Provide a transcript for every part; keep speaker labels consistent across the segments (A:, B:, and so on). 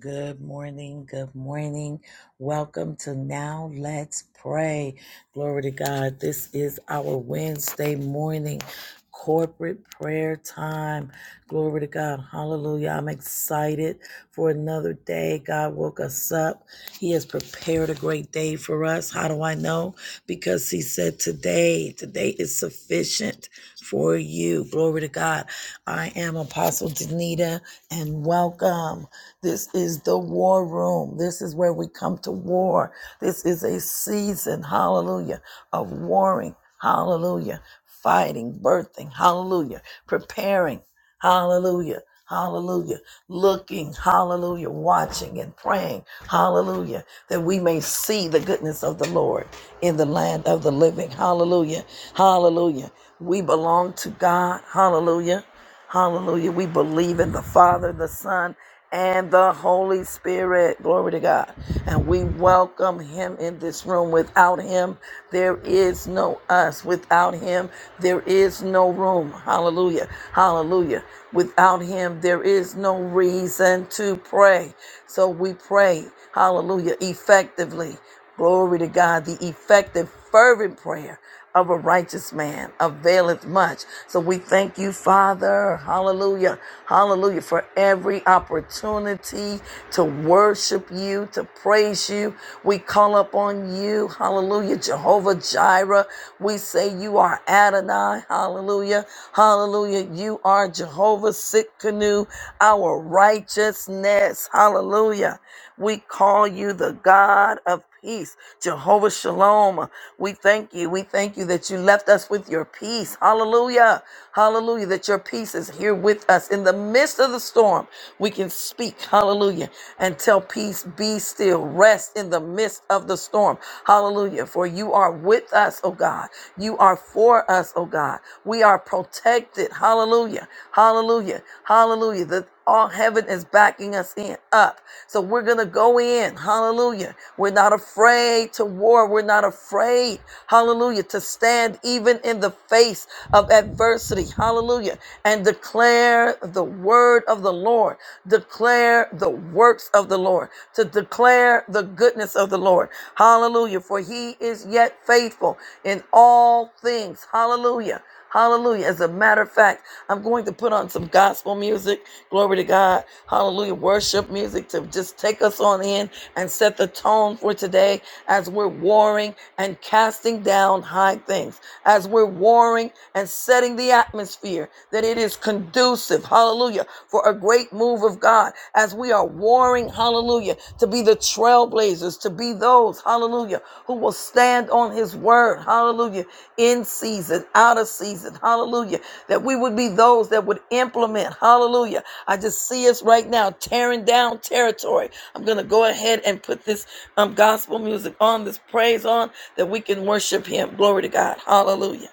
A: Good morning. Good morning. Welcome to Now Let's Pray. Glory to God. This is our Wednesday morning corporate prayer time. Glory to God. Hallelujah. I'm excited for another day. God woke us up. He has prepared a great day for us. How do I know? Because He said today, today is sufficient for you. Glory to God. I am Apostle Danita and welcome. This is the war room. This is where we come to war. This is a season, hallelujah, of warring, hallelujah, fighting, birthing, hallelujah, preparing, hallelujah, hallelujah, looking, hallelujah, watching and praying, hallelujah, that we may see the goodness of the Lord in the land of the living, hallelujah, hallelujah. We belong to God, hallelujah. Hallelujah. We believe in the Father, the Son, and the Holy Spirit. Glory to God. And we welcome him in this room. Without him, there is no us. Without him, there is no room. Hallelujah. Hallelujah. Without him, there is no reason to pray. So we pray, hallelujah, effectively. Glory to God. The effective, fervent prayer of a righteous man availeth much. So we thank you, Father. Hallelujah. Hallelujah. For every opportunity to worship you, to praise you. We call upon you. Hallelujah. Jehovah Jireh. We say you are Adonai. Hallelujah. Hallelujah. You are Jehovah Sitkanu, our righteousness. Hallelujah. We call you the God of peace. Jehovah Shalom. We thank you. We thank you that you left us with your peace. Hallelujah. Hallelujah. That your peace is here with us in the midst of the storm. We can speak. Hallelujah. And tell peace, be still. Rest in the midst of the storm. Hallelujah. For you are with us, oh God. You are for us, oh God. We are protected. Hallelujah. Hallelujah. Hallelujah. The all heaven is backing us in up. So we're going to go in. Hallelujah. We're not afraid to war. We're not afraid. Hallelujah. To stand even in the face of adversity. Hallelujah. And declare the word of the Lord. Declare the works of the Lord. To declare the goodness of the Lord. Hallelujah. For he is yet faithful in all things. Hallelujah. Hallelujah. As a matter of fact, I'm going to put on some gospel music. Glory to God. Hallelujah. Worship music to just take us on in and set the tone for today as we're warring and casting down high things, as we're warring and setting the atmosphere that it is conducive. Hallelujah. For a great move of God as we are warring. Hallelujah hallelujah, to be the trailblazers, to be those, hallelujah, who will stand on his word, hallelujah, in season, out of season, hallelujah, that we would be those that would implement, hallelujah. I just see us right now tearing down territory. I'm going to go ahead and put this um, gospel music on, this praise on, that we can worship him. Glory to God, hallelujah.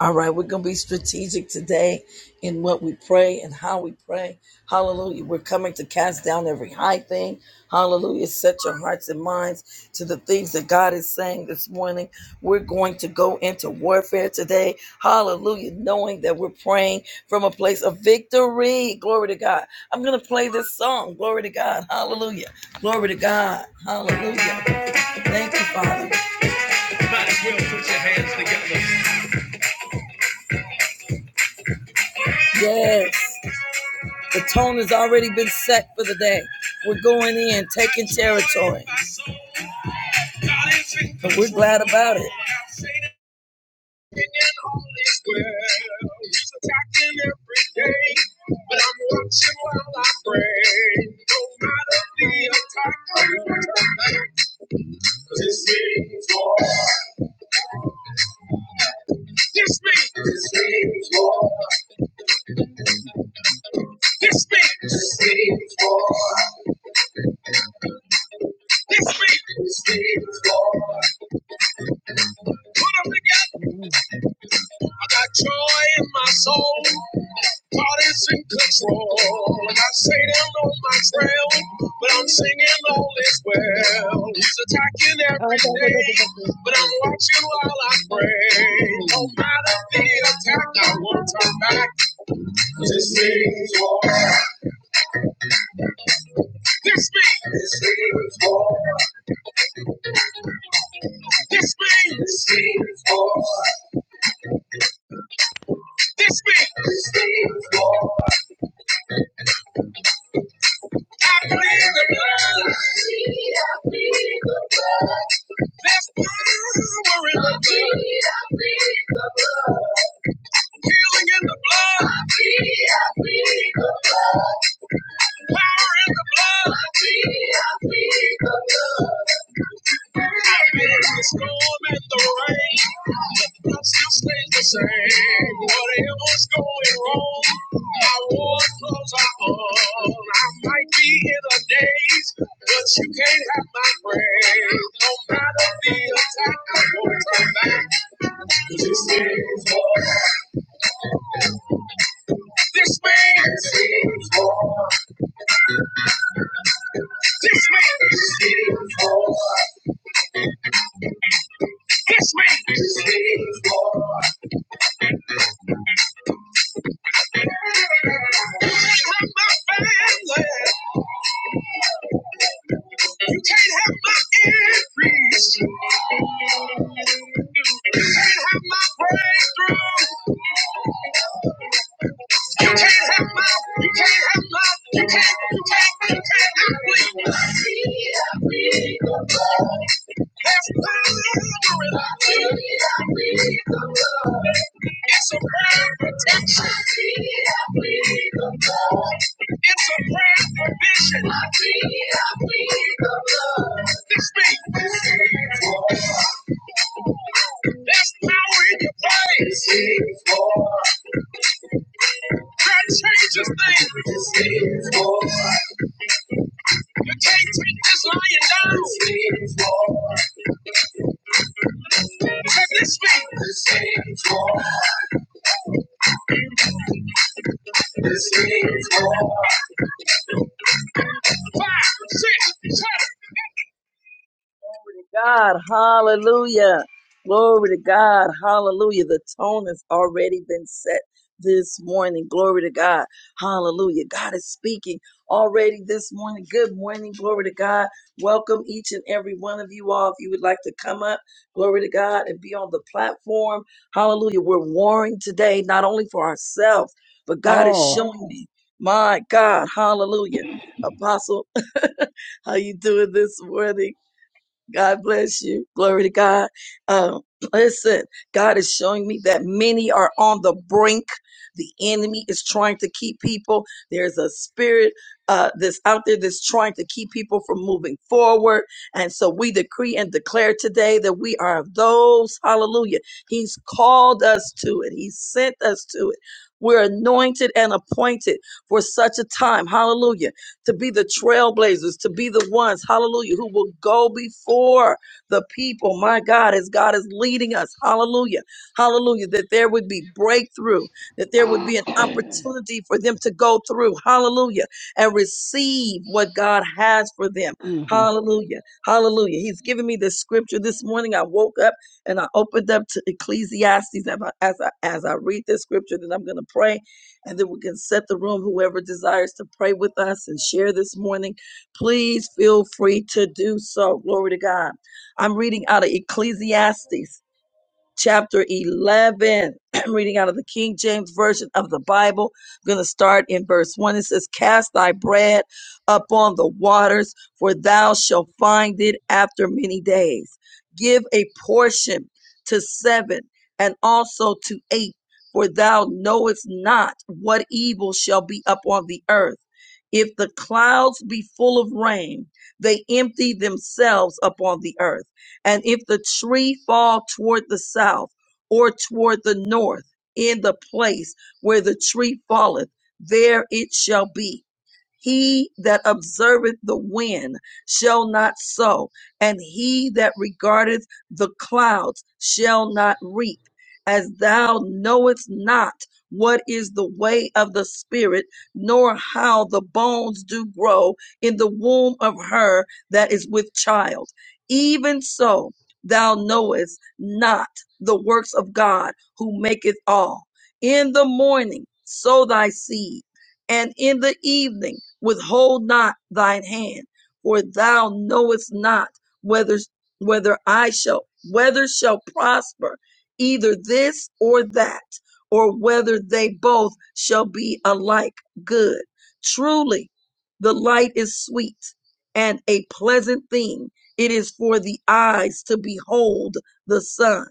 A: All right, we're going to be strategic today in what we pray and how we pray. Hallelujah. We're coming to cast down every high thing. Hallelujah. Set your hearts and minds to the things that God is saying this morning. We're going to go into warfare today. Hallelujah. Knowing that we're praying from a place of victory. Glory to God. I'm going to play this song. Glory to God. Hallelujah. Glory to God. Hallelujah. Thank you, Father. You might as well put your hands together. Yes. The tone has already been set for the day. We're going in, taking territory. And we're glad about it. Well, it's attacking every day, but I'm watching while I pray. No matter the attack, this means war. This means, this means war. This means, this means war. This means, this means war. Put them together. I got joy in my soul. God is in control. Like I got Satan on my trail, but I'm singing all is well. He's attacking every day, but I'm watching while I pray. No matter the attack, I won't turn back. This means war. This means. This means war. This means. This means war. This means. This means war. I plead the blood. I plead the blood. There's power in the blood. I plead, the blood. Healing in the blood. I plead, I plead the blood. Power in the blood. I plead, I plead the blood. Amidst the storm and the rain, but God still stays the same. Whatever's going wrong, my war clothes are on. I might be in a daze, but you can't have my praise. No matter the attack, I won't turn back. 'Cause This means war. This means this means war. This means this means war. This means this means war. You can't have my increase. You can't have my breakthrough. You can't have love. You can't have love. You can't. You can't. You can't. have love. There's power in love. It's a prayer of protection. It's a prayer of provision. This thing. There's power in your praise. That changes things. You can't take this lying down. Take this feet. Five, six, seven. to God, hallelujah. Glory to God, hallelujah. The tone has already been set this morning. Glory to God, hallelujah. God is speaking already this morning. Good morning, glory to God. Welcome each and every one of you all. If you would like to come up, glory to God, and be on the platform, hallelujah. We're warring today, not only for ourselves, but God is
B: Oh.
A: showing me, my God, hallelujah. Apostle, how you doing this morning? God bless you. Glory to God. Um, listen, God is showing me that many are on the brink. The enemy is trying to keep people. There's a spirit uh, that's out there that's trying to keep people from moving forward. And so we decree and declare today that we are of those. Hallelujah. He's called us to it, He sent us to it. We're anointed and appointed for such a time. Hallelujah to be the trailblazers, to be the ones, hallelujah, who will go before the people, my God, as God is leading us, hallelujah, hallelujah, that there would be breakthrough, that there would be an opportunity for them to go through, hallelujah, and receive what God has for them, hallelujah, hallelujah. He's given me this scripture this morning. I woke up and I opened up to Ecclesiastes. And I- As I, as I read this scripture, then I'm going to pray and then we can set the room. Whoever desires to pray with us and share this morning, please feel free to do so. Glory to God. I'm reading out of Ecclesiastes chapter 11. I'm reading out of the King James Version of the Bible. I'm going to start in verse 1. It says, Cast thy bread upon the waters, for thou shalt find it after many days. Give a portion to seven and also to eight, for thou knowest not what evil shall be upon the earth. If the clouds be full of rain, they empty themselves upon the earth and if the tree fall toward the south or toward the north, in the place where the tree falleth, there it shall be. He that observeth the wind shall not sow, and he that regardeth the clouds shall not reap. As thou knowest not what is the way of the Spirit, nor how the bones do grow in the womb of her that is with child, even so thou knowest not the works of God who maketh all. In the morning sow thy seed and in the evening withhold not thine hand, for thou knowest not whether whether I shall whether shall prosper either this or that, or whether they both shall be alike good. Truly, the light is sweet and a pleasant thing it is for the eyes to behold the sun.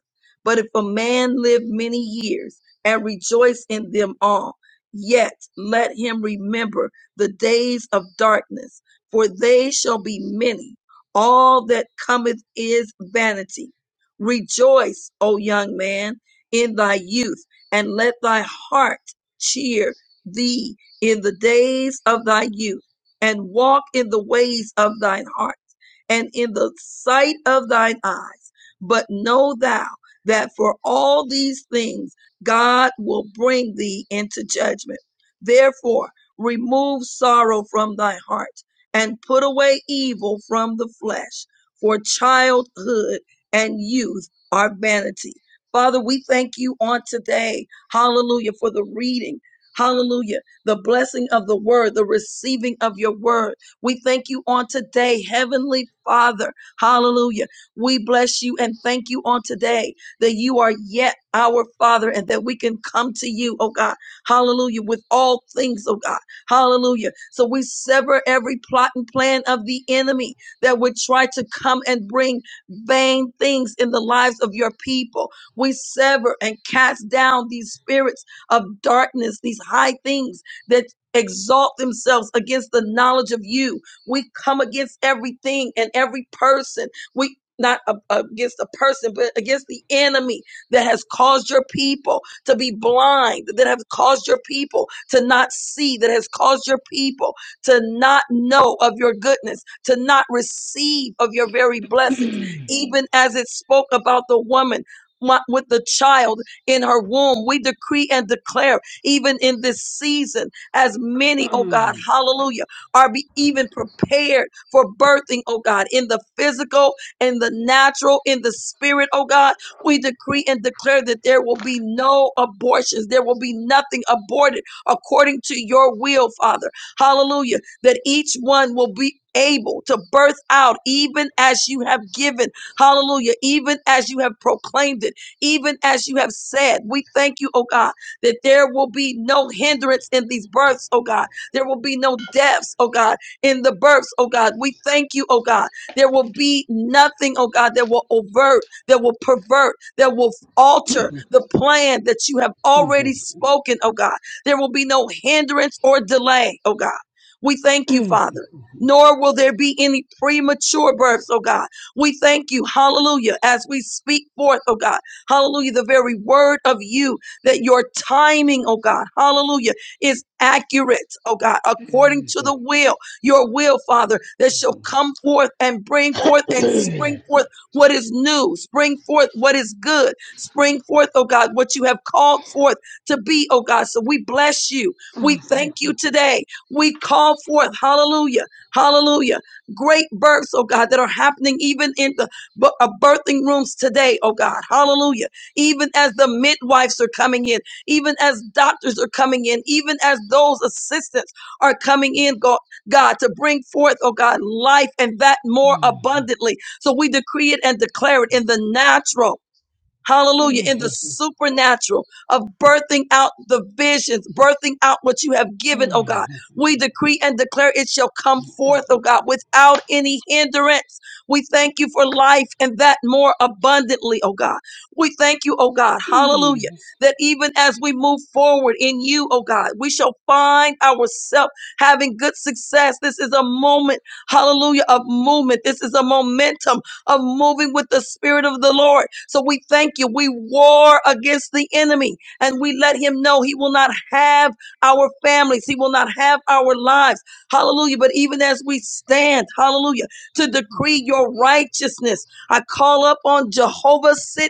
A: But if a man live many years and rejoice in them all, Yet let him remember the days of darkness, for they shall be many. All that cometh is vanity. Rejoice, O young man, in thy youth, and let thy heart cheer thee in the days of thy youth, and walk in the ways of thine heart, and in the sight of thine eyes. But know thou that for all these things, God will bring thee into judgment. Therefore, remove sorrow from thy heart and put away evil from the flesh, for childhood and youth are vanity. Father, we thank you on today. Hallelujah for the reading. Hallelujah. The blessing of the word, the receiving of your word. We thank you on today, Heavenly Father. Hallelujah. We bless you and thank you on today that you are yet our Father and that we can come to you, oh God. Hallelujah. With all things, oh God. Hallelujah. So we sever every plot and plan of the enemy that would try to come and bring vain things in the lives of your people. We sever and cast down these spirits of darkness, these high things that exalt themselves against the knowledge of you. We come against everything and every person. We not a- against a person, but against the enemy that has caused your people to be blind, that have caused your people to not see, that has caused your people to not know of your goodness, to not receive of your very blessings. Even as it spoke about the woman wa- with the child in her womb, we decree and declare, even in this season, as many, oh God, hallelujah, are be even prepared for birthing, oh God, in the physical in the natural, in the spirit, oh God. We decree and declare that there will be no abortions, there will be nothing aborted according to your will, Father. Hallelujah. That each one will be able to birth out even as you have given. Hallelujah. Even as you have proclaimed it, even as you have said. We thank you, oh God, that there will be no hindrance in these births, oh God. There will be no deaths, oh God, in the births, oh God. We thank you, oh God there will be nothing, oh God, that will overt, that will pervert, that will alter the plan that you have already spoken, oh God. There will be no hindrance or delay, oh God. We thank you, Father. Nor will there be any premature births, oh God. We thank you, hallelujah, as we speak forth, oh God, hallelujah, the very word of you that your timing, oh God, hallelujah, is accurate, oh God, according to the will your will, Father, that shall come forth and bring forth and spring forth what is new, spring forth what is good, spring forth, oh God, what you have called forth to be, oh God. So we bless you. We thank you today. We call forth, hallelujah, hallelujah, great births, oh God, that are happening even in the bu- uh, birthing rooms today, oh God, hallelujah. Even as the midwives are coming in, even as doctors are coming in, even as those assistants are coming in, God. God, to bring forth, oh God, life and that more abundantly. So we decree it and declare it in the natural. Hallelujah. In the supernatural of birthing out the visions, birthing out what you have given, oh God. We decree and declare it shall come forth, oh God, without any hindrance. We thank you for life and that more abundantly, oh God. We thank you, oh God. Hallelujah. That even as we move forward in you, oh God, we shall find ourselves having good success. This is a moment, hallelujah, of movement. This is a momentum of moving with the Spirit of the Lord. So we thank you. We war against the enemy and we let him know he will not have our families, he will not have our lives. Hallelujah. But even as we stand, hallelujah, to decree your righteousness, I call up on Jehovah Sitkanu.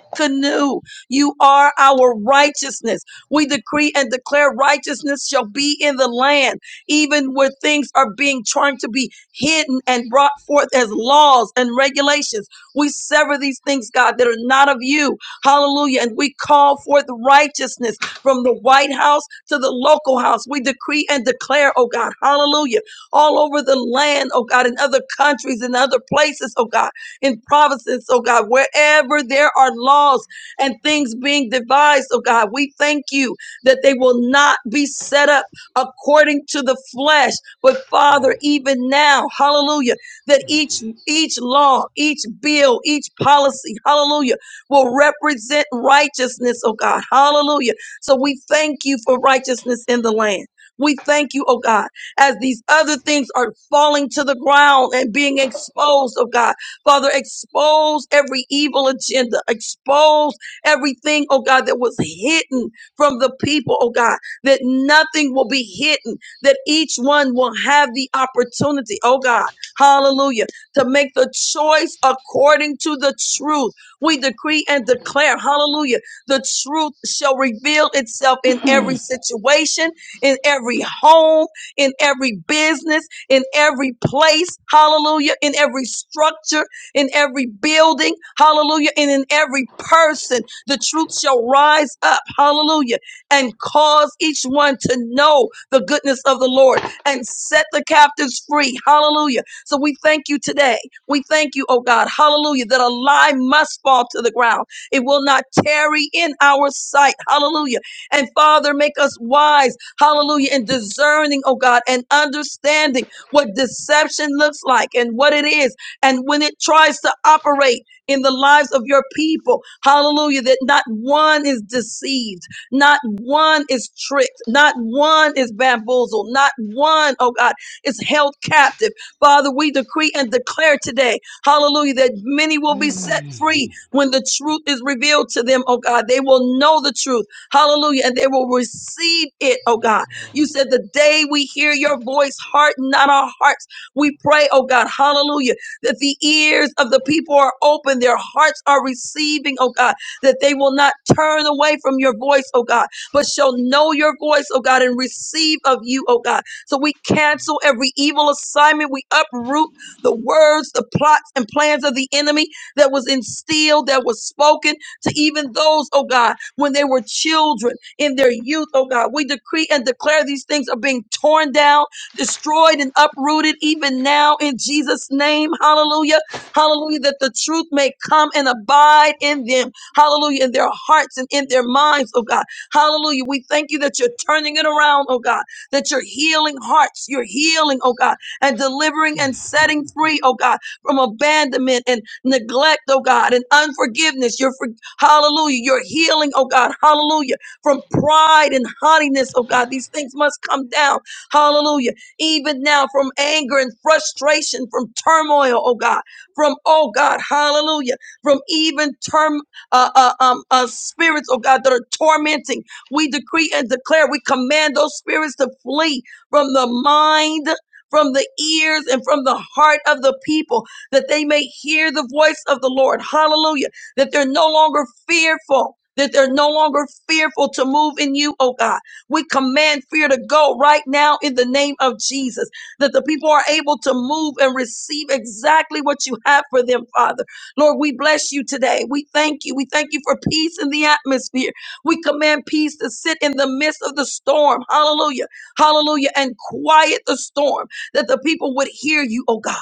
A: You are our righteousness. We decree and declare righteousness shall be in the land, even where things are being trying to be hidden and brought forth as laws and regulations. We sever these things, God, that are not of you. Hallelujah. And we call forth righteousness from the White House to the local house. We decree and declare, oh God, hallelujah, all over the land, oh God, in other countries, in other places, oh God, in provinces, oh God, wherever there are laws and things being devised, oh God, we thank you that they will not be set up according to the flesh, but Father, even now, hallelujah, that each each law, each bill, each policy, hallelujah, will represent righteousness, oh God, hallelujah. So we thank you for righteousness in the land. We thank you, oh God, as these other things are falling to the ground and being exposed, oh God. Father, expose every evil agenda, expose everything, oh God, that was hidden from the people, oh God, that nothing will be hidden, that each one will have the opportunity, oh God, hallelujah to make the choice according to the truth. We decree and declare, hallelujah, the truth shall reveal itself in every situation, in every home, in every business, in every place, hallelujah, in every structure, in every building, hallelujah, and in every person. The truth shall rise up, hallelujah, and cause each one to know the goodness of the Lord and set the captives free, hallelujah so we thank you today. We thank you, oh God, hallelujah, that a lie must fall to the ground. It will not tarry in our sight, hallelujah. And Father, make us wise, hallelujah, and discerning, oh God, and understanding what deception looks like and what it is, and when it tries to operate in the lives of your people, hallelujah, that not one is deceived, not one is tricked, not one is bamboozled, not one, oh God, is held captive Father, we decree and declare today, hallelujah, that many will be set free when the truth is revealed to them, oh God. They will know the truth, hallelujah, and they will receive it, oh God. You said, the day we hear your voice, harden not our hearts, we pray, oh God, hallelujah, that the ears of the people are open, their hearts are receiving, oh God, that they will not turn away from your voice, oh God, but shall know your voice, oh God, and receive of you, oh God. So we cancel every evil assignment. We uproot the words, the plots, and plans of the enemy that was instilled, that was spoken to even those, oh God, when they were children in their youth, oh God. We decree and declare these things are being torn down, destroyed, and uprooted even now in Jesus' name. Hallelujah. Hallelujah. That the truth may come and abide in them. Hallelujah. In their hearts and in their minds, oh God. Hallelujah. We thank you that you're turning it around, oh God that you're healing hearts, you're healing, oh God, and delivering and setting free, oh God, from abandonment and neglect, oh God, and unforgiveness. You're for, hallelujah, you're healing, oh God, hallelujah, from pride and haughtiness, oh God. These things must come down, hallelujah, even now from anger and frustration, from turmoil, oh God, from, oh God, hallelujah, from even term, uh, uh, um, uh, spirits, oh God, that are tormenting we decree and declare, we command those spirits to flee from the mind, from the ears, and from the heart of the people, that they may hear the voice of the Lord. Hallelujah. That they're no longer fearful. That they're no longer fearful to move in you, oh God. We command fear to go right now in the name of Jesus. That the people are able to move and receive exactly what you have for them, Father. Lord, we bless you today. We thank you. We thank you for peace in the atmosphere. We command peace to sit in the midst of the storm. Hallelujah. Hallelujah. And quiet the storm that the people would hear you, oh God,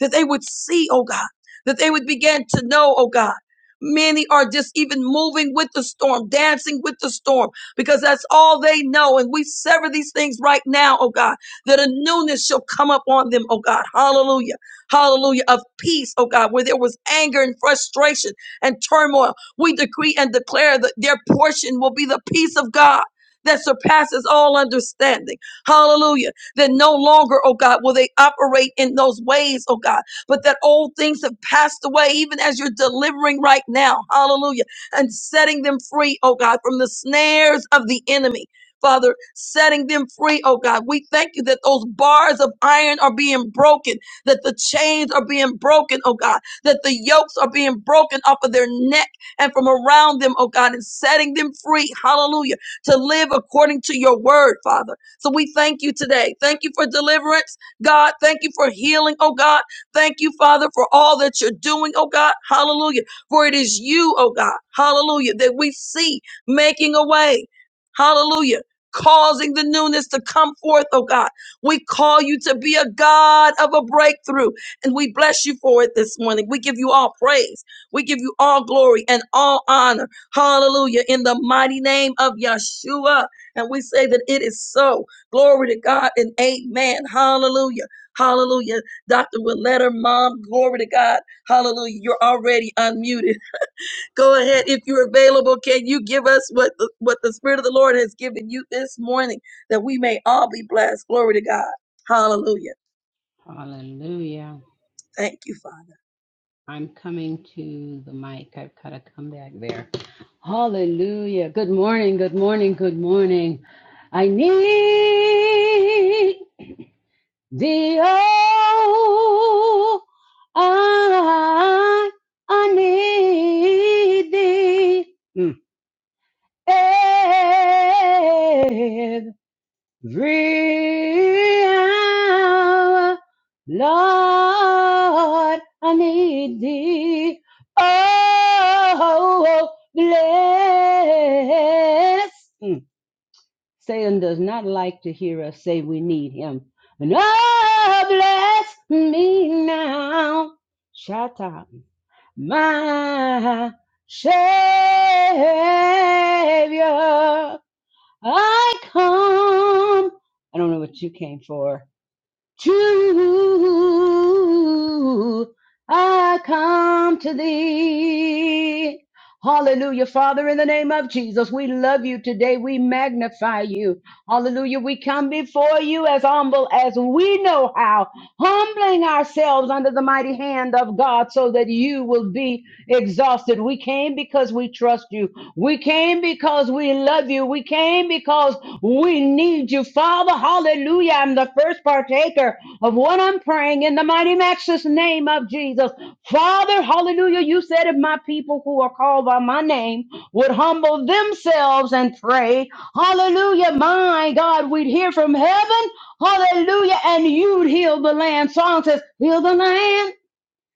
A: that they would see, oh God, that they would begin to know, oh God. Many are just even moving with the storm, dancing with the storm, because that's all they know. And we sever these things right now, oh God, that a newness shall come up on them, oh God. Hallelujah. Hallelujah. Of peace, oh God, where there was anger and frustration and turmoil. We decree and declare that their portion will be the peace of God that surpasses all understanding. Hallelujah. That no longer, oh God, will they operate in those ways, oh God, but that old things have passed away, even as you're delivering right now. Hallelujah. And setting them free, oh God, from the snares of the enemy. Father, setting them free, oh God. We thank you that those bars of iron are being broken, that the chains are being broken, oh God, that the yokes are being broken off of their neck and from around them, oh God, and setting them free, hallelujah, to live according to your word, Father. So we thank you today. Thank you for deliverance, God. Thank you for healing, oh God. Thank you, Father, for all that you're doing, oh God, hallelujah. For it is you, oh God, hallelujah, that we see making a way, hallelujah. Causing the newness to come forth, oh God. We call you to be a God of a breakthrough, and we bless you for it this morning. We give you all praise. We give you all glory and all honor. Hallelujah. In the mighty name of Yeshua. And we say that it is so. Glory to God and amen. Hallelujah. Hallelujah. Dr. Willetta, mom, glory to God. Hallelujah. You're already unmuted. Go ahead. If you're available, can you give us what the, what the Spirit of the Lord has given you this morning that we may all be blessed? Glory to God. Hallelujah.
B: Hallelujah.
A: Thank you, Father.
B: I'm coming to the mic. I've got to come back there. Hallelujah. Good morning, good morning, good morning. I need thee, oh, I, I need thee. Mm. Real Lord, I need thee. Oh, bless. Mm. Satan does not like to hear us say we need him. And oh, bless me now. Shout out, My Savior. I come. I don't know what you came for. True, I come to thee. Hallelujah. Father, in the name of Jesus, we love you today. We magnify you. Hallelujah. We come before you as humble as we know how, humbling ourselves under the mighty hand of God so that you will be exhausted. We came because we trust you. We came because we love you. We came because we need you, Father. Hallelujah. I'm the first partaker of what I'm praying in the mighty matchless name of Jesus. Father, hallelujah. You said if my people who are called by my name would humble themselves and pray, hallelujah, my God, we'd hear from heaven, hallelujah, and you'd heal the land. Song says, heal the land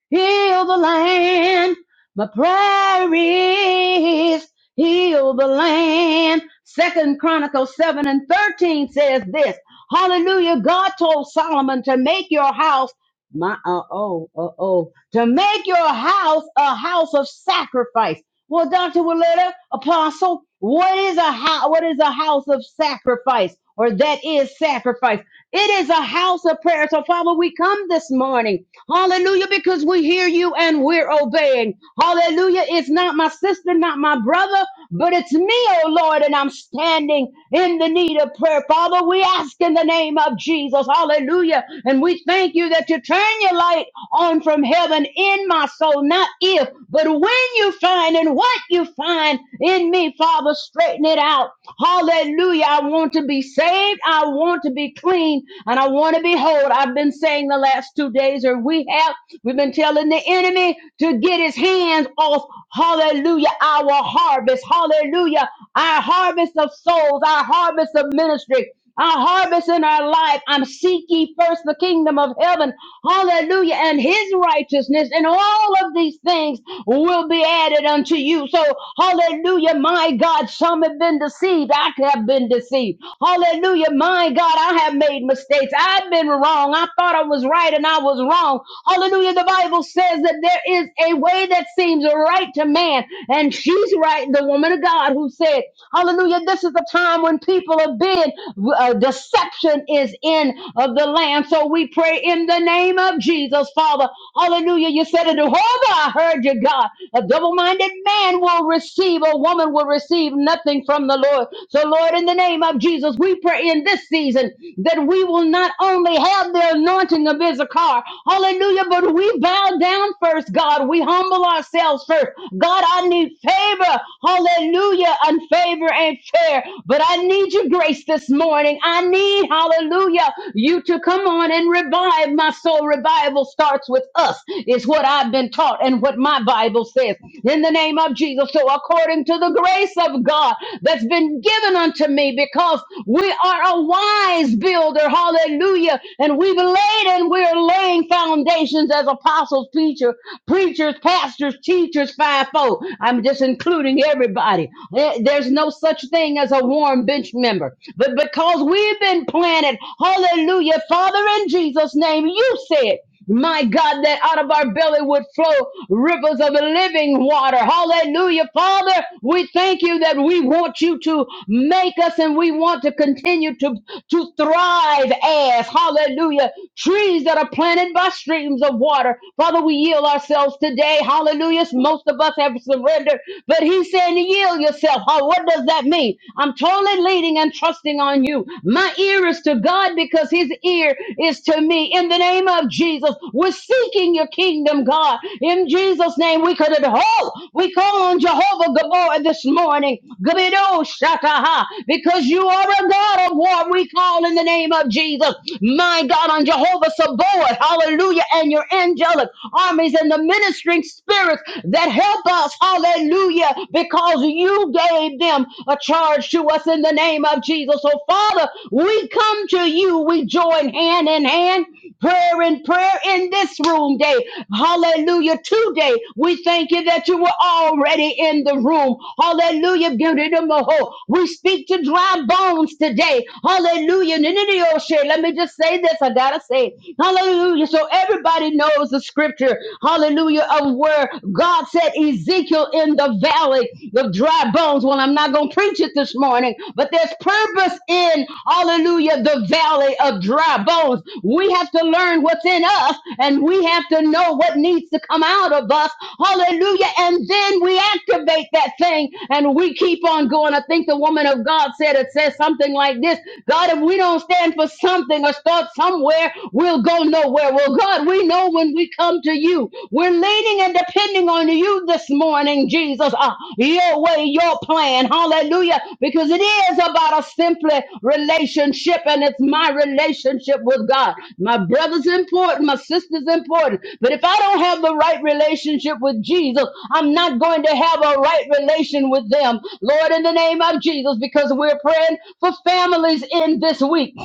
B: heal the land. My prayer is, heal the land. Second Chronicles 7 and 13 says this. Hallelujah. God told Solomon to make your house my uh oh uh oh to make your house a house of sacrifice. Well, Dr. Willetta, Apostle, what is a house? What is a house of sacrifice, or that is sacrifice? It is a house of prayer. So, Father, we come this morning. Hallelujah, because we hear you and we're obeying. Hallelujah. It's not my sister, not my brother, but it's me, oh Lord, and I'm standing in the need of prayer. Father, we ask in the name of Jesus. Hallelujah. And we thank you that you turn your light on from heaven in my soul, not if, but when you find and what you find in me, Father, straighten it out. Hallelujah. I want to be saved. I want to be clean and I want to be whole. I've been saying the last two days, or we have, we've been telling the enemy to get his hands off. Hallelujah. Our harvest. Hallelujah. Our harvest of souls, our harvest of ministry a harvest in our life. I'm seek ye first the kingdom of heaven. Hallelujah. And his righteousness and all of these things will be added unto you. So hallelujah, my God, some have been deceived. I have been deceived. Hallelujah, my God, I have made mistakes. I've been wrong. I thought I was right and I was wrong. Hallelujah. The Bible says that there is a way that seems right to man. And she's right, the woman of God who said, Hallelujah, this is the time time when people have been, uh, deception is in of the land. So we pray in the name of Jesus, Father. Hallelujah. You said it. Jehovah, I heard you, God. A double minded man will receive, a woman will receive nothing from the Lord. So, Lord, in the name of Jesus, we pray in this season that we will not only have the anointing of Issachar, hallelujah, but we bow down first, God. We humble ourselves first. God, I need favor, hallelujah, Unfavorable favor and fair. But I need your grace this morning. I need, hallelujah, you to come on and revive my soul. Revival starts with us, is what I've been taught and what my Bible says. In the name of Jesus. So, according to the grace of God that's been given unto me, because we are a wise builder, hallelujah, and we've laid and we're laying foundations as apostles, preacher, preachers, pastors, teachers, fivefold. I'm just including serving everybody. Eh, There's no such thing as a warm bench member. But because we've been planted, hallelujah, Father, in Jesus' name, you said. My God, that out of our belly would flow rivers of living water. Hallelujah. Father, we thank you that we want you to make us and we want to continue to, to thrive as, hallelujah, trees that are planted by streams of water. Father, we yield ourselves today. Hallelujah. Most of us us have surrendered, but he's saying yield yourself. Huh? What does that mean? I'm totally leaning and trusting on you. My ear is to God because his ear is to me. In the name of Jesus, we're seeking your kingdom, God. In Jesus' name, we could have, oh, we call on Jehovah Gabor this morning. Gabido Shataha, because you are a God of war. We call in the name of Jesus. My God, on Jehovah Sabaoth, hallelujah, and your angelic armies and the ministry ministering spirits that help us. Hallelujah. Because you gave them a charge to us in the name of Jesus. So, Father, we come to you. We join hand in hand, prayer in prayer in this room day. Hallelujah. Today, we thank you that you were already in the room. Hallelujah. Beauty to Maho. We speak to dry bones today. Hallelujah. Nene de Let me just say this. I got to say, hallelujah. So everybody knows was the scripture, hallelujah, of where God said Ezekiel in the valley of dry bones. Well, I'm not going to preach it this morning, but there's purpose in, hallelujah, the valley of dry bones. We have to learn what's in us and we have to know what needs to come out of us, hallelujah, and then we activate that thing and we keep on going. I think the woman of God said it says something like this God, if we don't stand for something or start somewhere, we'll go nowhere nowhere. Well, God, we know when we come to you, we're leaning and depending on you this morning, Jesus. Uh, your way, your plan. Hallelujah. Because it is about a simply relationship, and it's my relationship with God. My brother's important, my sister's important. But if I don't have the right relationship with Jesus, I'm not going to have a right relation with them. Lord, in the name of Jesus, because we're praying for families in this week.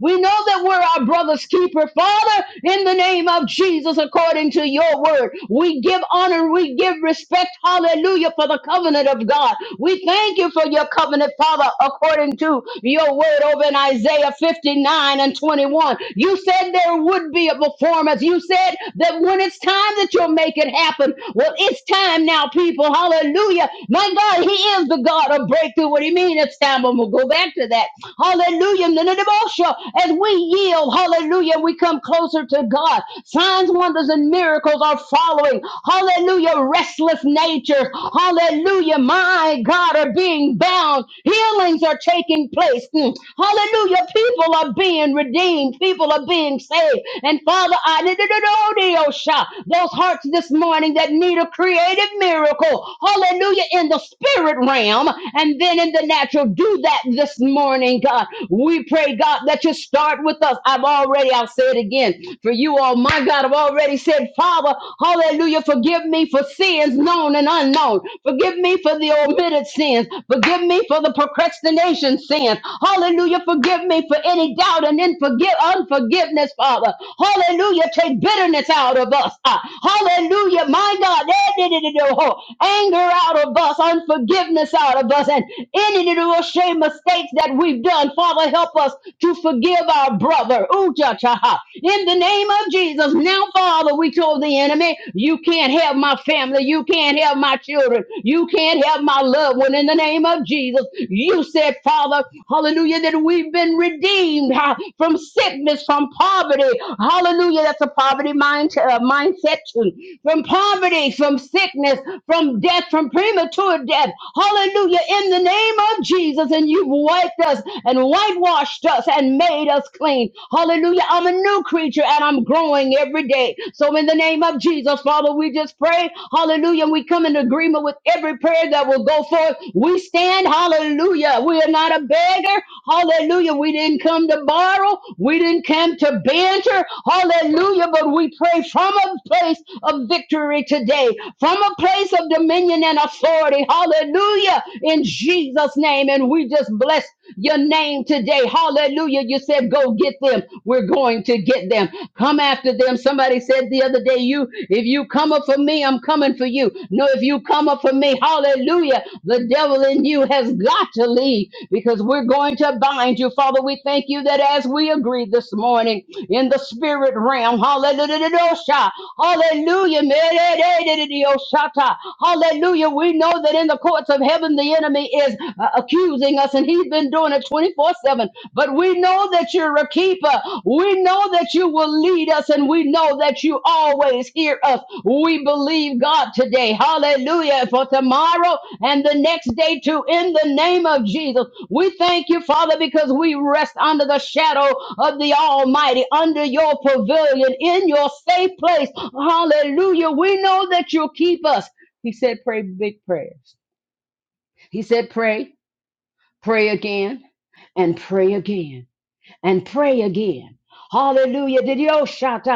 B: We know that we're our brother's keeper. Father, in the name of Jesus, according to your word, we give honor, we give respect, hallelujah, for the covenant of God. We thank you for your covenant, Father, according to your word over in Isaiah 59 and 21. You said there would be a performance. You said that when it's time that you'll make it happen. Well, it's time now, people. Hallelujah. My God, He is the God of breakthrough. What do you mean it's time? I'm going to go back to that. Hallelujah. Nananabosha. As we yield, hallelujah, we come closer to God. Signs, wonders, and miracles are following. Hallelujah. Restless natures. Hallelujah. My God are being bound. Healings are taking place. Mm. Hallelujah. People are being redeemed. People are being saved. And Father, I Hallelujah. those hearts this morning that need a creative miracle. Hallelujah. In the spirit realm and then in the natural. Do that this morning, God. We pray, God, that you start with us. I've already, I'll say it again for you, all my God. I've already said, Father, hallelujah, forgive me for sins known and unknown. Forgive me for the omitted sins. Forgive me for the procrastination sins. Hallelujah, forgive me for any doubt and then forgive unforgiveness, Father. Hallelujah, take bitterness out of us. Ah, hallelujah, my God, eh, di- di- di- oh, anger out of us, unforgiveness out of us, and any any little shame mistakes that we've done. Father, help us to forgive our brother. Ooh, cha, cha, ha. In the name of Jesus, now, Father, we told the enemy, you can't have my family, you can't have my children, you can't have my loved one. In the name of Jesus, you said, Father, hallelujah, that we've been redeemed ha, from sickness, from poverty. Hallelujah, that's a poverty mind, uh, mindset, from poverty, from sickness, from death, from premature death. Hallelujah. Hallelujah. In the name of Jesus. And you've wiped us and whitewashed us and made us clean. Hallelujah. I'm a new creature and I'm growing every day. So in the name of Jesus, Father, we just pray. Hallelujah. We come in agreement with every prayer that will go forth. We stand. Hallelujah. We are not a beggar. Hallelujah. We didn't come to borrow. We didn't come to banter. Hallelujah. But we pray from a place of victory today, from a place of dominion and authority. Hallelujah! Hallelujah. In Jesus' name. And we just bless your name today. Hallelujah. You said, go get them. We're going to get them. Come after them. Somebody said the other day, you, if you come up for me, I'm coming for you. No, if you come up for me, hallelujah. The devil in you has got to leave because we're going to bind you. Father, we thank you that as we agree this morning in the spirit realm, hallelujah. Hallelujah. Hallelujah. Hallelujah. We know that in the courts of heaven, the enemy is uh, accusing us, and he's been doing it 24 7. But we know that you're a keeper. We know that you will lead us, and we know that you always hear us. We believe God today. Hallelujah. For tomorrow and the next day, too, in the name of Jesus. We thank you, Father, because we rest under the shadow of the Almighty, under your pavilion, in your safe place. Hallelujah. We know that you'll keep us. He said, pray big prayers. He said, pray, pray again, and pray again, and pray again. Hallelujah. Did you shout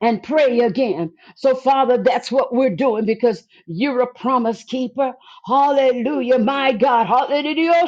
B: and pray again? So, Father, that's what we're doing because you're a promise keeper. Hallelujah. My God. Hallelujah.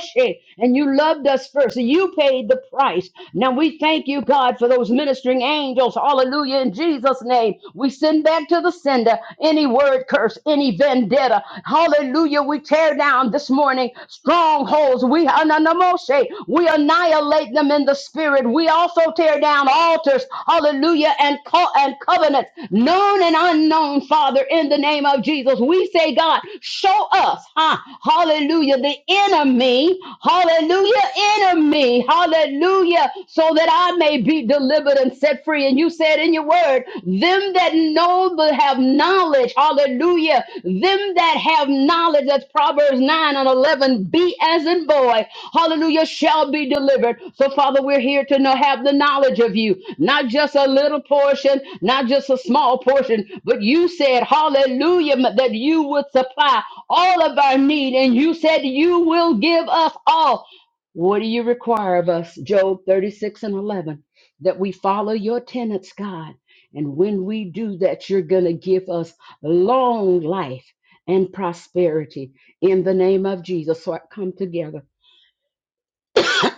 B: And you loved us first. So You paid the price. Now we thank you, God, for those ministering angels. Hallelujah. In Jesus' name, we send back to the sender any word curse, any vendetta. Hallelujah Hallelujah. We tear down this morning strongholds. We ananamoshe. We annihilate them in the spirit. We also tear down altars. Hallelujah. And co- and covenants, known and unknown, Father, in the name of Jesus. We say, God, show us, huh? Hallelujah. The enemy. Hallelujah. Enemy. Hallelujah. So that I may be be delivered and set free. And you said in your word, them that know but have knowledge, hallelujah, them that have knowledge, that's Proverbs 9 and 11, be as in boy, hallelujah, shall be delivered. So, Father, we're here to know, have the knowledge of you, not just a little portion, not just a small portion, but you said, hallelujah, that you would supply all of our need, and you said you will give us all. What do you require of us? Job 36 and 11 that we follow your tenets, God. And when we do that, you're going to give us long life and prosperity in the name of Jesus. So I come together.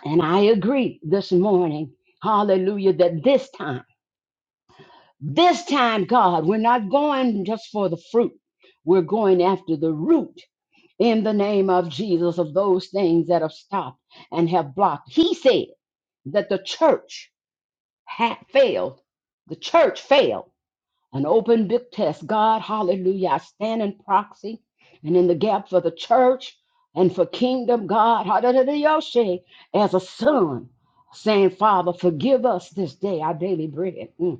B: And I agree this morning, hallelujah, that this time, this time, God, we're not going just for the fruit, we're going after the root in the name of Jesus of those things that have stopped and have blocked. He said that the church had failed, the church failed an open big test. God, hallelujah, I stand in proxy and in the gap for the church and for kingdom, God, hallelujah, as a son, saying, Father, forgive us this day our daily bread. Mm.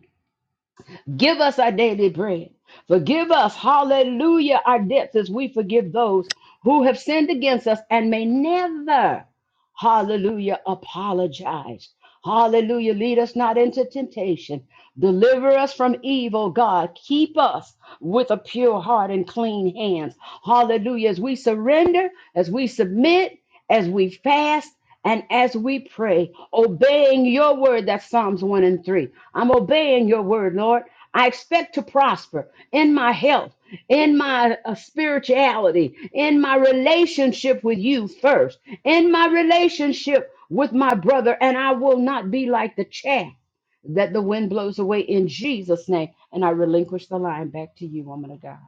B: Give us our daily bread. Forgive us, hallelujah, our debts as we forgive those who have sinned against us and may never, hallelujah, apologize. Hallelujah. Lead us not into temptation. Deliver us from evil, God. Keep us with a pure heart and clean hands. Hallelujah. As we surrender, as we submit, as we fast, and as we pray, obeying your word, that's Psalms 1 and 3. I'm obeying your word, Lord. I expect to prosper in my health, in my uh, spirituality, in my relationship with you first, in my relationship with my brother, and I will not be like the chaff that the wind blows away in Jesus' name. And I relinquish the line back to you, woman of God.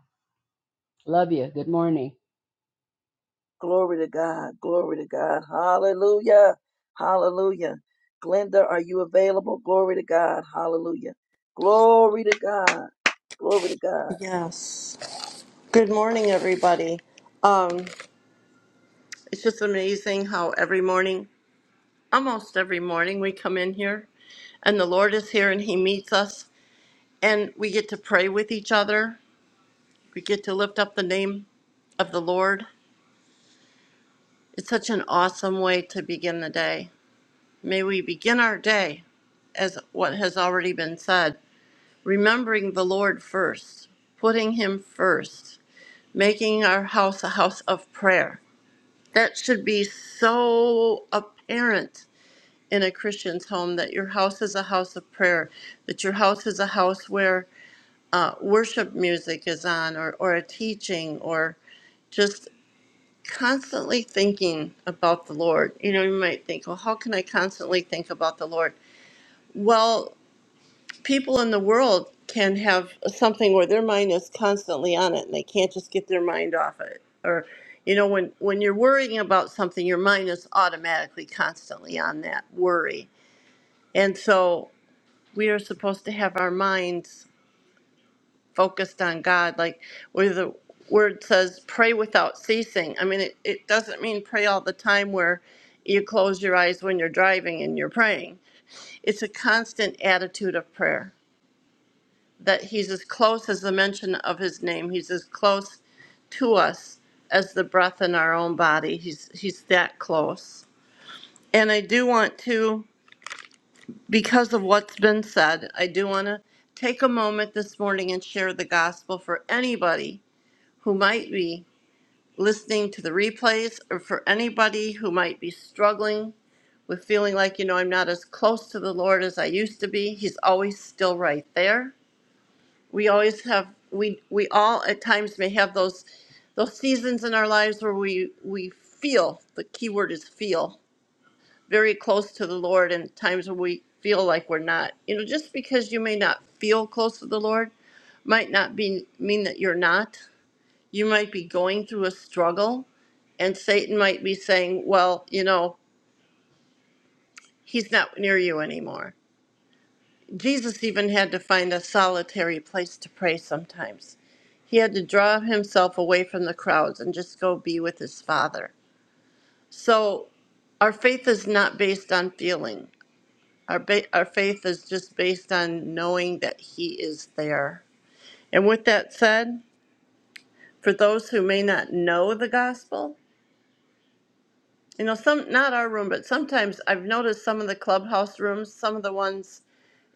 B: Love you. Good morning.
A: Glory to God. Glory to God. Hallelujah. Hallelujah. Glenda, are you available? Glory to God. Hallelujah. Glory to God. Glory to God.
C: Yes. Good morning, everybody. Um, it's just amazing how every morning, almost every morning, we come in here and the Lord is here and He meets us and we get to pray with each other. We get to lift up the name of the Lord. It's such an awesome way to begin the day. May we begin our day as what has already been said, remembering the Lord first, putting Him first, making our house a house of prayer That should be so apparent in a Christian's home that your house is a house of prayer, that your house is a house where uh, worship music is on, or, or a teaching, or just constantly thinking about the Lord. You know, you might think, well, how can I constantly think about the Lord? Well, people in the world can have something where their mind is constantly on it and they can't just get their mind off it or you know when when you're worrying about something your mind is automatically constantly on that worry and so we are supposed to have our minds focused on god like where the word says pray without ceasing i mean it, it doesn't mean pray all the time where you close your eyes when you're driving and you're praying it's a constant attitude of prayer that he's as close as the mention of his name. He's as close to us as the breath in our own body. He's he's that close. And I do want to because of what's been said, I do want to take a moment this morning and share the gospel for anybody who might be listening to the replays or for anybody who might be struggling with feeling like, you know, I'm not as close to the Lord as I used to be. He's always still right there. we always have we we all at times may have those those seasons in our lives where we we feel the key word is feel very close to the lord and times when we feel like we're not you know just because you may not feel close to the lord might not be mean that you're not you might be going through a struggle and satan might be saying well you know he's not near you anymore jesus even had to find a solitary place to pray sometimes He had to draw himself away from the crowds and just go be with his father. So our faith is not based on feeling. Our, ba- our faith is just based on knowing that He is there. And with that said, for those who may not know the gospel, you know, some not our room, but sometimes I've noticed some of the clubhouse rooms, some of the ones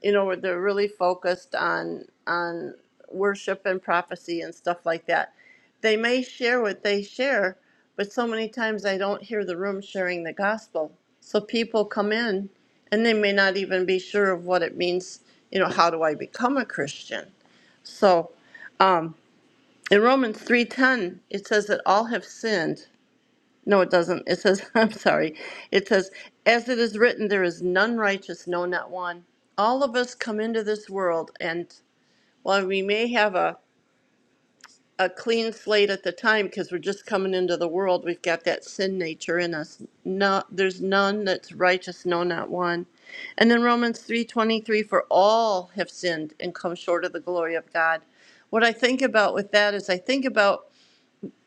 C: you know, where they're really focused on on worship and prophecy and stuff like that. They may share what they share, but so many times I don't hear the room sharing the gospel. So people come in and they may not even be sure of what it means, you know, how do I become a Christian? So um in Romans 3:10 it says that all have sinned no, it doesn't. It says, I'm sorry. It says, as it is written, there is none righteous, no, not one. All of us come into this world, and while we may have a, a clean slate at the time because we're just coming into the world, we've got that sin nature in us. No, there's none that's righteous, no, not one. And then Romans 3:23, for all have sinned and come short of the glory of God. What I think about with that is I think about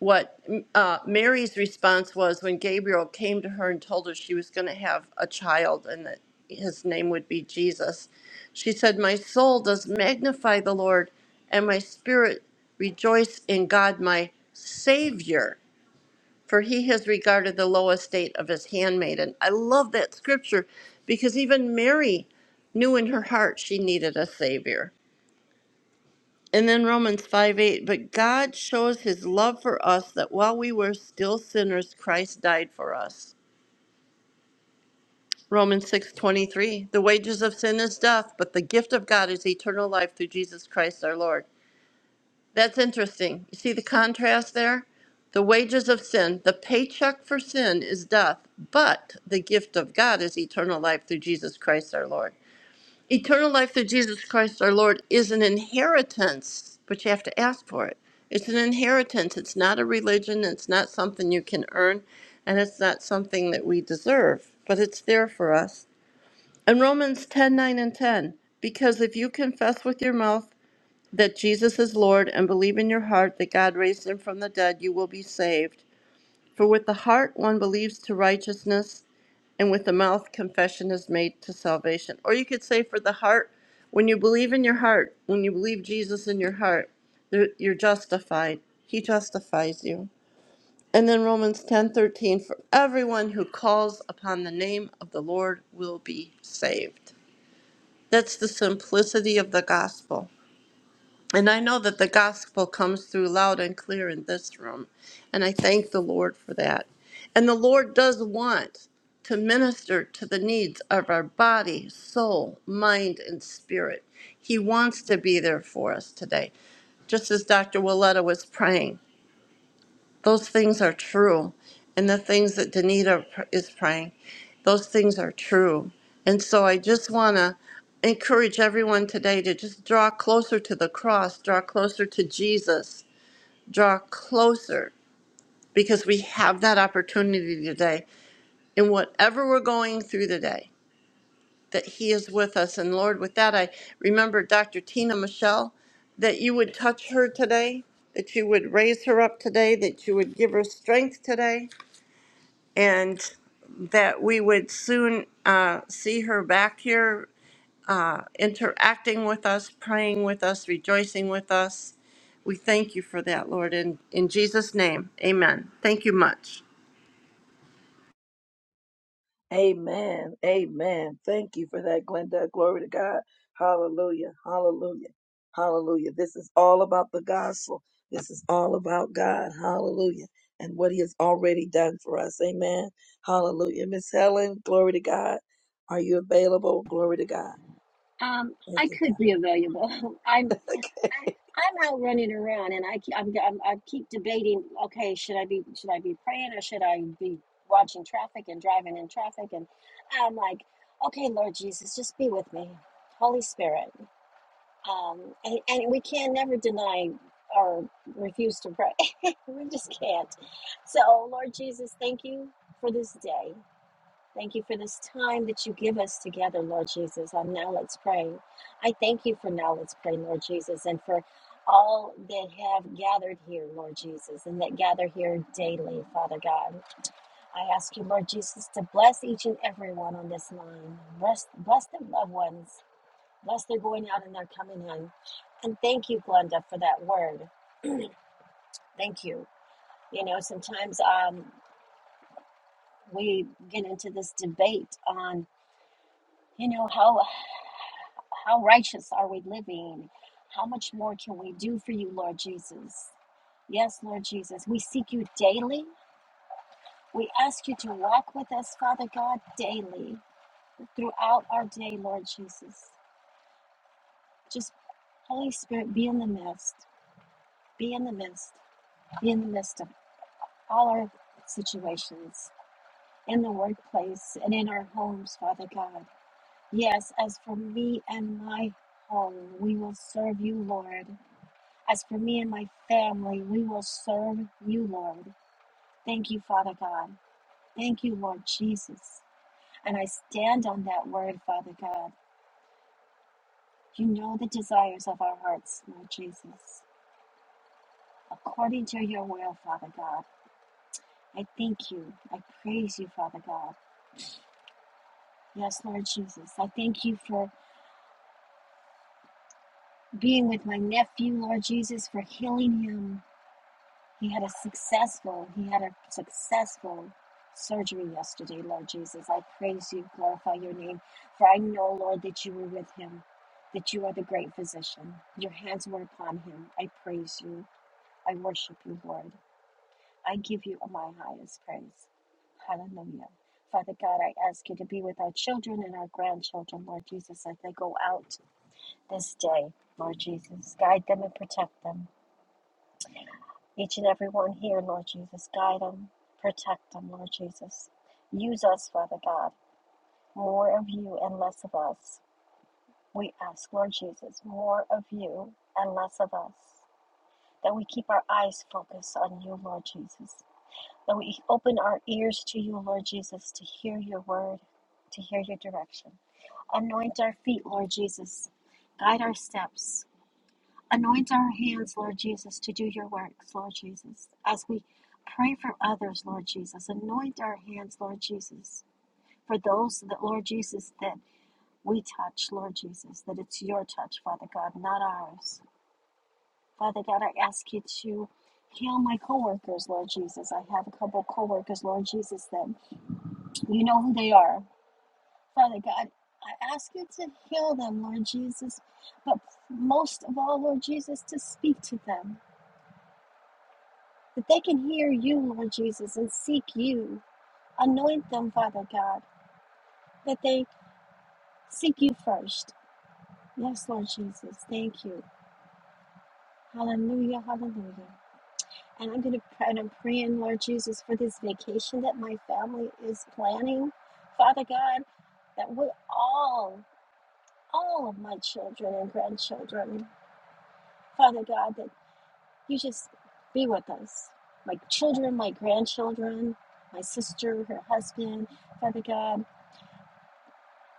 C: what uh, Mary's response was when Gabriel came to her and told her she was going to have a child and that his name would be Jesus. She said, My soul does magnify the Lord, and my spirit rejoice in God, my Savior, for he has regarded the low estate of his handmaiden. I love that scripture because even Mary knew in her heart she needed a Savior. And then Romans 5 8, but God shows his love for us that while we were still sinners, Christ died for us. Romans six twenty three, the wages of sin is death, but the gift of God is eternal life through Jesus Christ our Lord. That's interesting. You see the contrast there? The wages of sin, the paycheck for sin is death, but the gift of God is eternal life through Jesus Christ our Lord. Eternal life through Jesus Christ our Lord is an inheritance, but you have to ask for it. It's an inheritance. It's not a religion. It's not something you can earn, and it's not something that we deserve, but it's there for us. And Romans 10 9 and 10, because if you confess with your mouth that Jesus is Lord and believe in your heart that God raised him from the dead, you will be saved. For with the heart one believes to righteousness and with the mouth confession is made to salvation. Or you could say for the heart, when you believe in your heart, when you believe Jesus in your heart, you're justified. He justifies you. And then Romans 10:13 for everyone who calls upon the name of the Lord will be saved. That's the simplicity of the gospel. And I know that the gospel comes through loud and clear in this room. And I thank the Lord for that. And the Lord does want to minister to the needs of our body, soul, mind, and spirit. He wants to be there for us today, just as Dr. Willetta was praying those things are true. And the things that Danita pr- is praying, those things are true. And so I just want to encourage everyone today to just draw closer to the cross, draw closer to Jesus, draw closer because we have that opportunity today in whatever we're going through today, that He is with us. And Lord, with that, I remember Dr. Tina Michelle, that you would touch her today, that you would raise her up today, that you would give her strength today and that we would soon uh, see her back here uh, interacting with us, praying with us, rejoicing with us. We thank you for that, Lord, in, in Jesus' name. Amen. Thank you much.
A: Amen. Amen. Thank you for that, Glenda. Glory to God. Hallelujah. Hallelujah. Hallelujah. This is all about the gospel. This is all about God. Hallelujah. And what he has already done for us. Amen. Hallelujah. Miss Helen, glory to God. Are you available? Glory to God.
D: Um,
A: Thank
D: I
A: you, God.
D: could be available. I'm I, I'm out running around, and I keep I'm, I'm I keep debating. Okay, should I be should I be praying or should I be watching traffic and driving in traffic? And I'm like, okay, Lord Jesus, just be with me, Holy Spirit. Um, and, and we can never deny or refuse to pray. we just can't. So, Lord Jesus, thank you for this day. Thank you for this time that you give us together, Lord Jesus, on Now Let's Pray. I thank you for Now Let's Pray, Lord Jesus, and for all that have gathered here, Lord Jesus, and that gather here daily, Father God. I ask you, Lord Jesus, to bless each and every one on this line. Bless, bless their loved ones. Bless their going out and their coming in. And thank you, Glenda, for that word. Thank you. You know, sometimes um, we get into this debate on you know how How righteous are we living? How much more can we do for you, Lord Jesus? Yes, Lord Jesus, we seek you daily. We ask you to walk with us, Father God, daily throughout our day, Lord Jesus. Just Holy Spirit, be in the midst, be in the midst, be in the midst of all our situations in the workplace and in our homes, Father God. Yes, as for me and my home, we will serve you, Lord. As for me and my family, we will serve you, Lord. Thank you, Father God. Thank you, Lord Jesus. And I stand on that word, Father God. You know the desires of our hearts, Lord Jesus. According to your will, Father God, I thank you. I praise you, Father God. Yes, Lord Jesus. I thank you for being with my nephew, Lord Jesus, for healing him. He had a successful, he had a successful surgery yesterday, Lord Jesus. I praise you, glorify your name, for I know, Lord, that you were with him, that you are the great physician. Your hands were upon him. I praise you. I worship you, Lord. I give you my highest praise. Hallelujah. Father God, I ask you to be with our children and our grandchildren, Lord Jesus, as they go out this day, Lord Jesus. Guide them and protect them. Each and every one here, Lord Jesus, guide them, protect them, Lord Jesus. Use us, Father God, more of you and less of us. We ask, Lord Jesus, more of you and less of us. That we keep our eyes focused on you, Lord Jesus. That we open our ears to you, Lord Jesus, to hear your word, to hear your direction. Anoint our feet, Lord Jesus. Guide our steps. Anoint our hands, Lord Jesus, to do your works, Lord Jesus. As we pray for others, Lord Jesus, anoint our hands, Lord Jesus, for those that, Lord Jesus, that we touch, Lord Jesus, that it's your touch, Father God, not ours. Father God, I ask you to heal my coworkers, Lord Jesus. I have a couple coworkers, Lord Jesus, that you know who they are. Father God, I ask you to heal them, Lord Jesus, but most of all, Lord Jesus, to speak to them. that they can hear you, Lord Jesus, and seek you. Anoint them, Father God, that they seek you first. Yes, Lord Jesus, thank you. Hallelujah, hallelujah. And I'm going to pray, and I'm praying, Lord Jesus, for this vacation that my family is planning, Father God, that we all, all of my children and grandchildren, Father God, that you just be with us. My children, my grandchildren, my sister, her husband, Father God,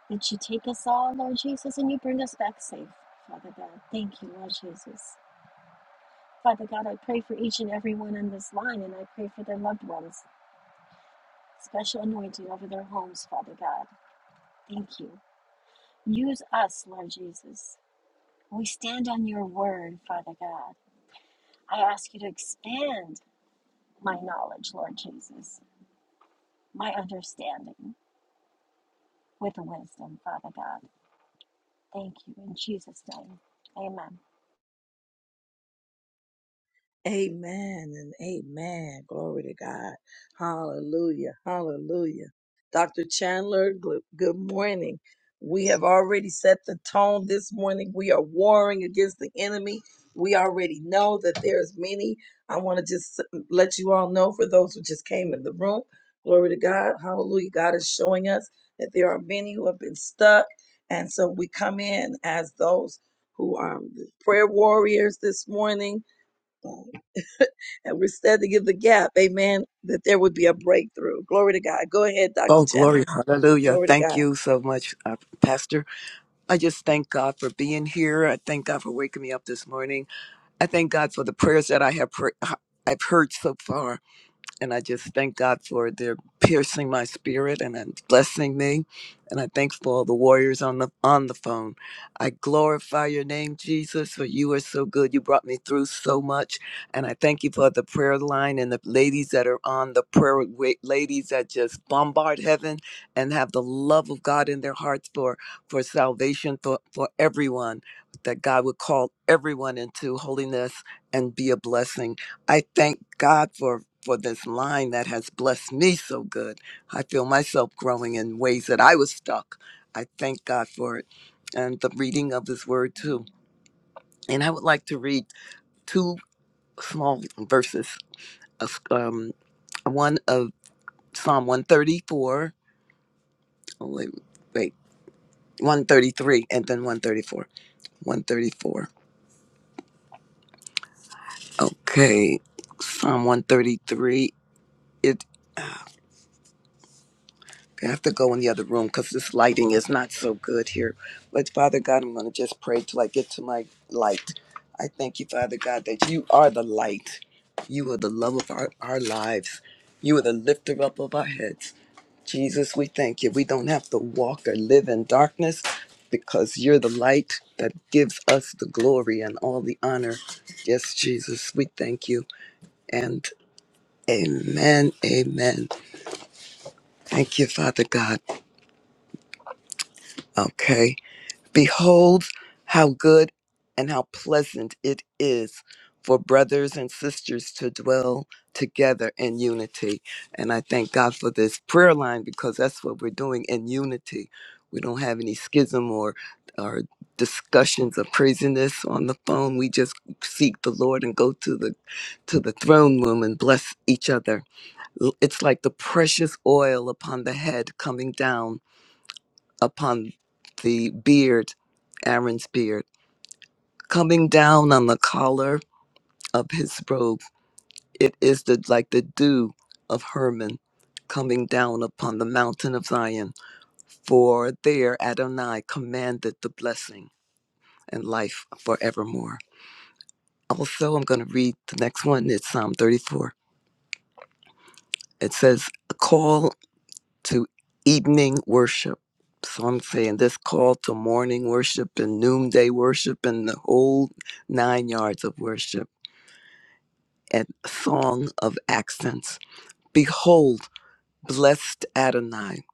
D: That you take us all, Lord Jesus, and you bring us back safe, Father God. Thank you, Lord Jesus. Father God, I pray for each and every one on this line, and I pray for their loved ones. Special anointing over their homes, Father God. Thank you. Use us, Lord Jesus. We stand on your word, Father God. I ask you to expand my knowledge, Lord Jesus, my understanding with wisdom, Father God. Thank you. In Jesus' name, amen.
A: Amen and amen. Glory to God. Hallelujah. Hallelujah. Dr. Chandler, gl- good morning. We have already set the tone this morning. We are warring against the enemy. We already know that there's many. I want to just s- let you all know for those who just came in the room. Glory to God. Hallelujah. God is showing us that there are many who have been stuck. And so we come in as those who are prayer warriors this morning and we're standing in the gap, amen, that there would be a breakthrough. Glory to God. Go ahead, Dr.
E: Oh,
A: Chandler.
E: glory. Hallelujah.
A: Glory to
E: Thank
A: God.
E: you so much, uh, Pastor. I just thank God for being here. I thank God for waking me up this morning. I thank God for the prayers that I have pray- uh, I've heard so far. And I just thank God for their piercing my spirit and then blessing me. And I thank for all the warriors on the on the phone. I glorify your name, Jesus, for you are so good. You brought me through so much. And I thank you for the prayer line and the ladies that are on the prayer wa- ladies that just bombard heaven and have the love of God in their hearts for for salvation for, for everyone. That God would call everyone into holiness and be a blessing. I thank God for for this line that has blessed me so good. I feel myself growing in ways that I was stuck. I thank God for it and the reading of His Word too. And I would like to read two small verses. Of, um, one of Psalm 134. Oh, wait, wait, 133, and then 134. 134. Okay, Psalm 133. I have to go in the other room because this lighting is not so good here. But Father God, I'm going to just pray till I get to my light. I thank you, Father God, that you are the light. You are the love of our, our lives. You are the lifter up of our heads. Jesus, we thank you. We don't have to walk or live in darkness because you're the light that gives us the glory and all the honor. Yes, Jesus, we thank you. And amen, amen. Thank you, Father God. Okay. Behold how good and how pleasant it is for brothers and sisters to dwell together in unity. And I thank God for this prayer line because that's what we're doing in unity. We don't have any schism or or discussions of craziness on the phone. We just seek the Lord and go to the to the throne room and bless each other. L- It's like the precious oil upon the head coming down upon the beard, Aaron's beard, coming down on the collar of his robe. It is the like the dew of Hermon coming down upon the mountain of Zion. For there Adonai commanded the blessing and life forevermore. Also, I'm going to read the next one. It's Psalm 34. It says, "Call." to evening worship. So I'm saying this call to morning worship and noonday worship and the whole nine yards of worship and song of accents. Behold, blessed Adonai,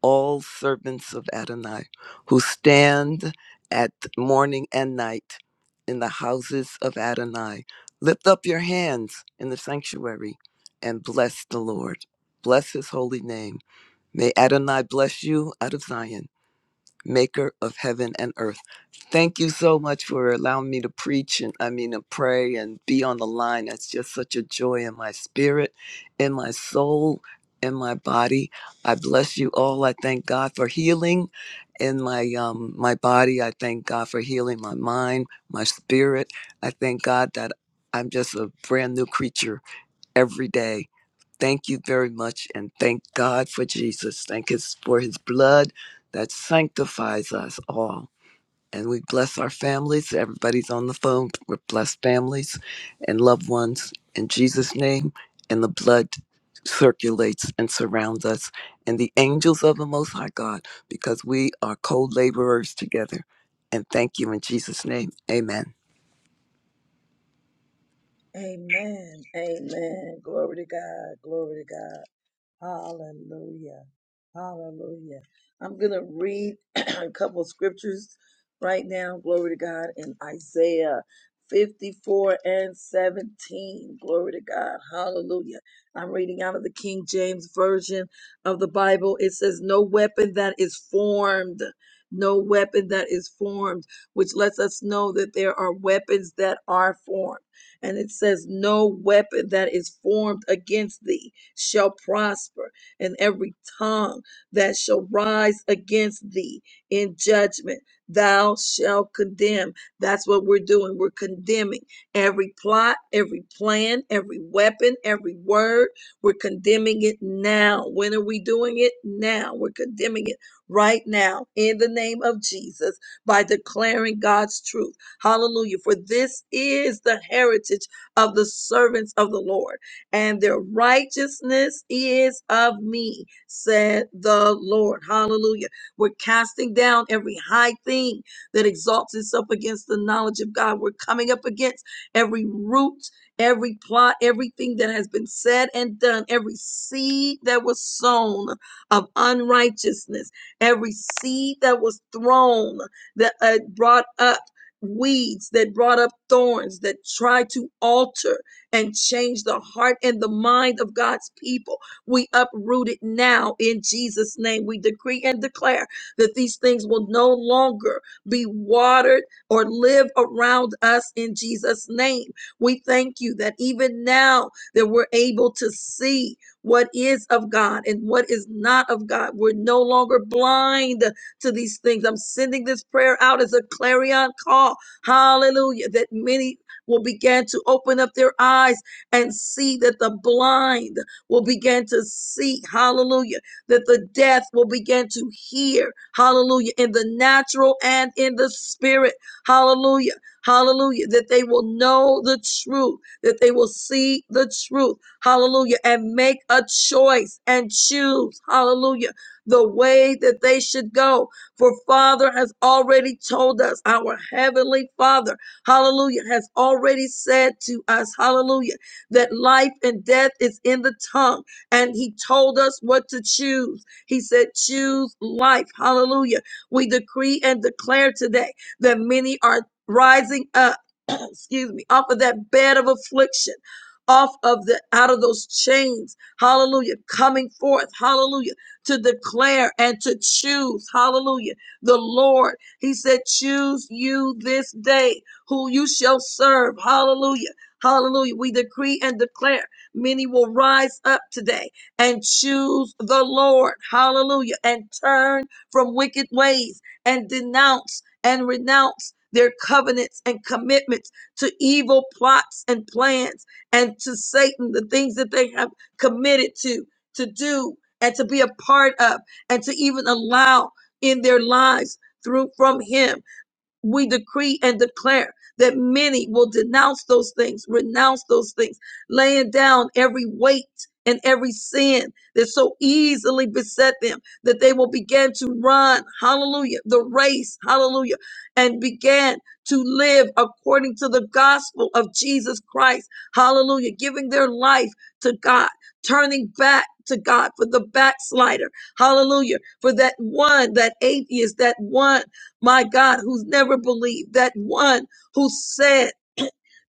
E: all servants of Adonai, who stand at morning and night in the houses of Adonai. Lift up your hands in the sanctuary and bless the Lord. Bless his holy name. May Adonai bless you out of Zion. maker of heaven and earth. Thank you so much for allowing me to preach and I mean to pray and be on the line. That's just such a joy in my spirit, in my soul, in my body. I bless you all. I thank God for healing in my um my body. I thank God for healing my mind, my spirit. I thank God that I'm just a brand new creature every day Thank you very much and thank God for Jesus. Thank us for his blood that sanctifies us all. And we bless our families. Everybody's on the phone. We're blessed families and loved ones in Jesus' name. And the blood circulates and surrounds us and the angels of the Most High God because we are co laborers together. And thank you in Jesus' name. Amen.
A: Amen. Amen. Glory to God. Glory to God. Hallelujah. Hallelujah. I'm going to read a couple of scriptures right now. Glory to God in Isaiah 54 and 17. Glory to God. Hallelujah. I'm reading out of the King James Version of the Bible. It says, No weapon that is formed. No weapon that is formed, which lets us know that there are weapons that are formed. And it says, No weapon that is formed against thee shall prosper, and every tongue that shall rise against thee in judgment, thou shalt condemn. That's what we're doing. We're condemning every plot, every plan, every weapon, every word. We're condemning it now. When are we doing it? Now. We're condemning it right now in the name of Jesus by declaring God's truth. Hallelujah. For this is the heritage of the servants of the Lord and their righteousness is of me, said the Lord. Hallelujah. We're casting down every high thing that exalts itself against the knowledge of God. We're coming up against every root, every plot, everything that has been said and done, every seed that was sown of unrighteousness, every seed that was thrown that uh, brought up weeds, that brought up thorns, that tried to alter and change the heart and the mind of God's people. We uproot it now in Jesus' name. We decree and declare that these things will no longer be watered or live around us in Jesus' name. We thank you that even now that we're able to see what is of God and what is not of God. We're no longer blind to these things. I'm sending this prayer out as a clarion call. Hallelujah. That many will begin to open up their eyes and see that the blind will begin to see, hallelujah, that the deaf will begin to hear, hallelujah, in the natural and in the spirit, hallelujah, hallelujah, that they will know the truth, that they will see the truth, hallelujah, and make a choice and choose, hallelujah, the way that they should go. For Father has already told us, our Heavenly Father hallelujah, has already said to us, hallelujah, that life and death is in the tongue. And he told us what to choose. He said, choose life, hallelujah. We decree and declare today that many are rising up, excuse me, off of that bed of affliction. Off of the out of those chains, hallelujah, coming forth, hallelujah, to declare and to choose, hallelujah, the Lord. He said, Choose you this day who you shall serve. Hallelujah. Hallelujah. We decree and declare many will rise up today and choose the Lord. Hallelujah. And turn from wicked ways and denounce and renounce their covenants and commitments to evil plots and plans and to Satan, the things that they have committed to, to do and to be a part of and to even allow in their lives through from him we decree and declare that many will denounce those things, renounce those things, laying down every weight and every sin that so easily beset them, that they will begin to run, hallelujah, the race, hallelujah, and begin to live according to the gospel of Jesus Christ, hallelujah, giving their life to God, turning back. To God for the backslider. Hallelujah. For that one, that atheist, that one my God, who's never believed, that one who said,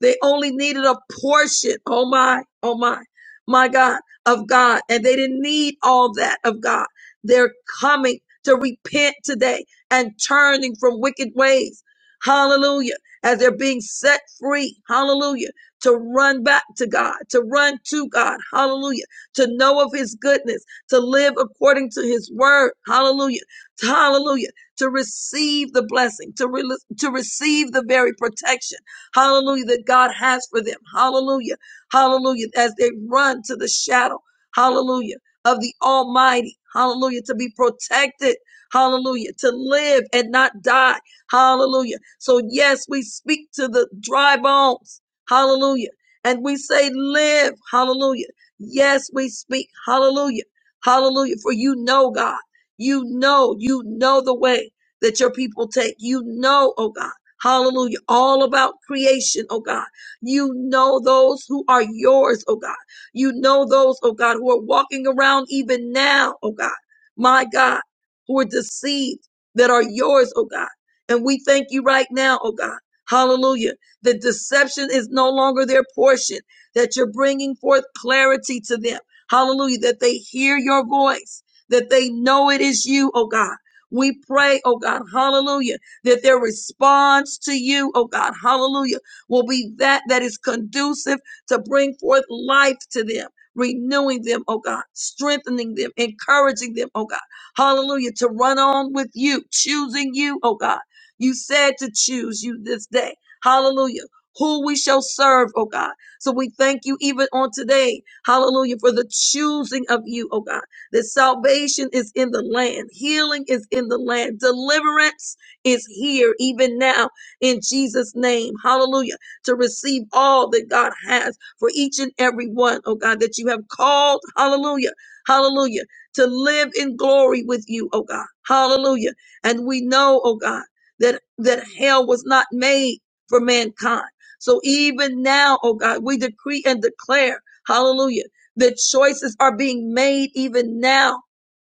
A: they only needed a portion. Oh my, oh my, my God, of God. And they didn't need all that of God. They're coming to repent today and turning from wicked ways. Hallelujah. As they're being set free. Hallelujah. To run back to God, to run to God. Hallelujah. To know of his goodness, to live according to his word. Hallelujah. Hallelujah. To receive the blessing, to, re- to receive the very protection Hallelujah. That God has for them. Hallelujah. Hallelujah. As they run to the shadow. Hallelujah. Of the Almighty. Hallelujah. To be protected. Hallelujah. To live and not die. Hallelujah. So yes, we speak to the dry bones. Hallelujah. And we say live. Hallelujah. Yes, we speak. Hallelujah. Hallelujah. For you know, God, you know, you know the way that your people take. You know, oh God. Hallelujah. All about creation, oh God. You know those who are yours, oh God. You know those, oh God, who are walking around even now, oh God. My God, who are deceived that are yours, oh God. And we thank you right now, oh God. Hallelujah. The deception is no longer their portion, that you're bringing forth clarity to them. Hallelujah. That they hear your voice, that they know it is you, oh God. We pray, oh God. Hallelujah that their response to you, oh God, hallelujah, will be that that is conducive to bring forth life to them, renewing them, oh God, strengthening them, encouraging them, oh God, hallelujah, to run on with you, choosing you, oh God. You said to choose you this day, hallelujah, who we shall serve, oh God. So we thank you even on today, hallelujah, for the choosing of you, oh God that salvation is in the land, healing is in the land, deliverance is here even now in Jesus' name. Hallelujah. To receive all that God has for each and every one, oh God, that you have called. Hallelujah. Hallelujah. To live in glory with you, oh God. Hallelujah. And we know, oh God, that, that hell was not made for mankind. So even now, oh God, we decree and declare, hallelujah, that choices are being made even now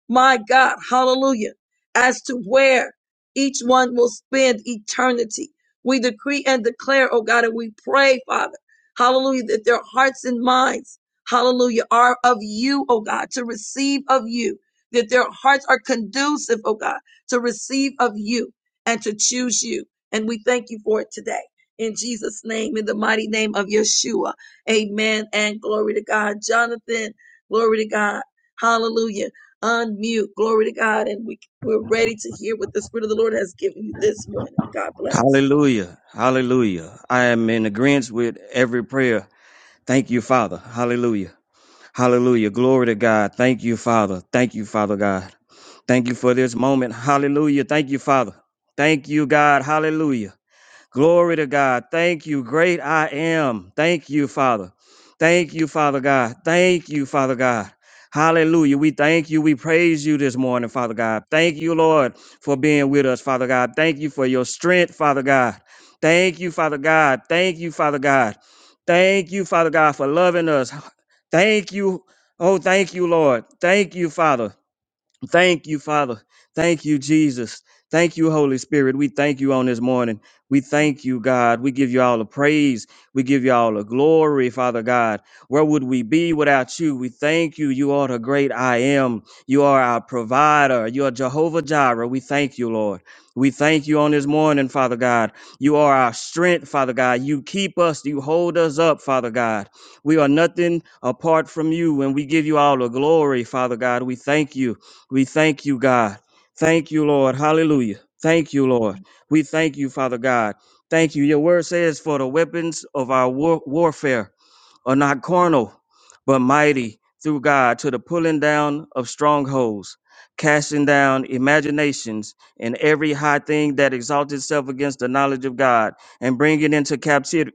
A: my God, hallelujah, as to where each one will spend eternity. We decree and declare, oh God, and we pray, Father, hallelujah, that their hearts and minds, hallelujah, are of you, oh God, to receive of you, that their hearts are conducive, oh God, to receive of you and to choose you. And we thank you for it today. In Jesus' name, in the mighty name of Yeshua. Amen and glory to God. Jonathan, glory to God. Hallelujah. Unmute. Glory to God. And we, we're ready to hear what the Spirit of the Lord has given you this morning. God bless.
F: Hallelujah. Hallelujah. I am in agreement with every prayer. Thank you, Father. Hallelujah. Hallelujah. Glory to God. Thank you, Father. Thank you, Father God. Thank you for this moment. Hallelujah. Thank you, Father. Thank you, God. Hallelujah. Glory to God. Thank you. Great I am. Thank you, Father. Thank you, Father God. Thank you, Father God. Hallelujah. We thank you. We praise you this morning, Father God. Thank you, Lord, for being with us, Father God. Thank you for your strength, Father God. Thank you, Father God. Thank you, Father God. Thank you, Father God, for loving us. Thank you. Oh, thank you, Lord. Thank you, Father. Thank you, Father. Thank you, Jesus. Thank you, Holy Spirit. We thank you on this morning. We thank you, God. We give you all the praise. We give you all the glory, Father God. Where would we be without you? We thank you. You are the great I am. You are our provider. You are Jehovah Jireh. We thank you, Lord. We thank you on this morning, Father God. You are our strength, Father God. You keep us. You hold us up, Father God. We are nothing apart from you, and we give you all the glory, Father God. We thank you. We thank you, God. Thank you, Lord. Hallelujah. Thank you, Lord. We thank you, Father God. Thank you. Your word says, for the weapons of our war- warfare are not carnal, but mighty through God to the pulling down of strongholds, casting down imaginations and every high thing that exalts itself against the knowledge of God, and bringing into captivity,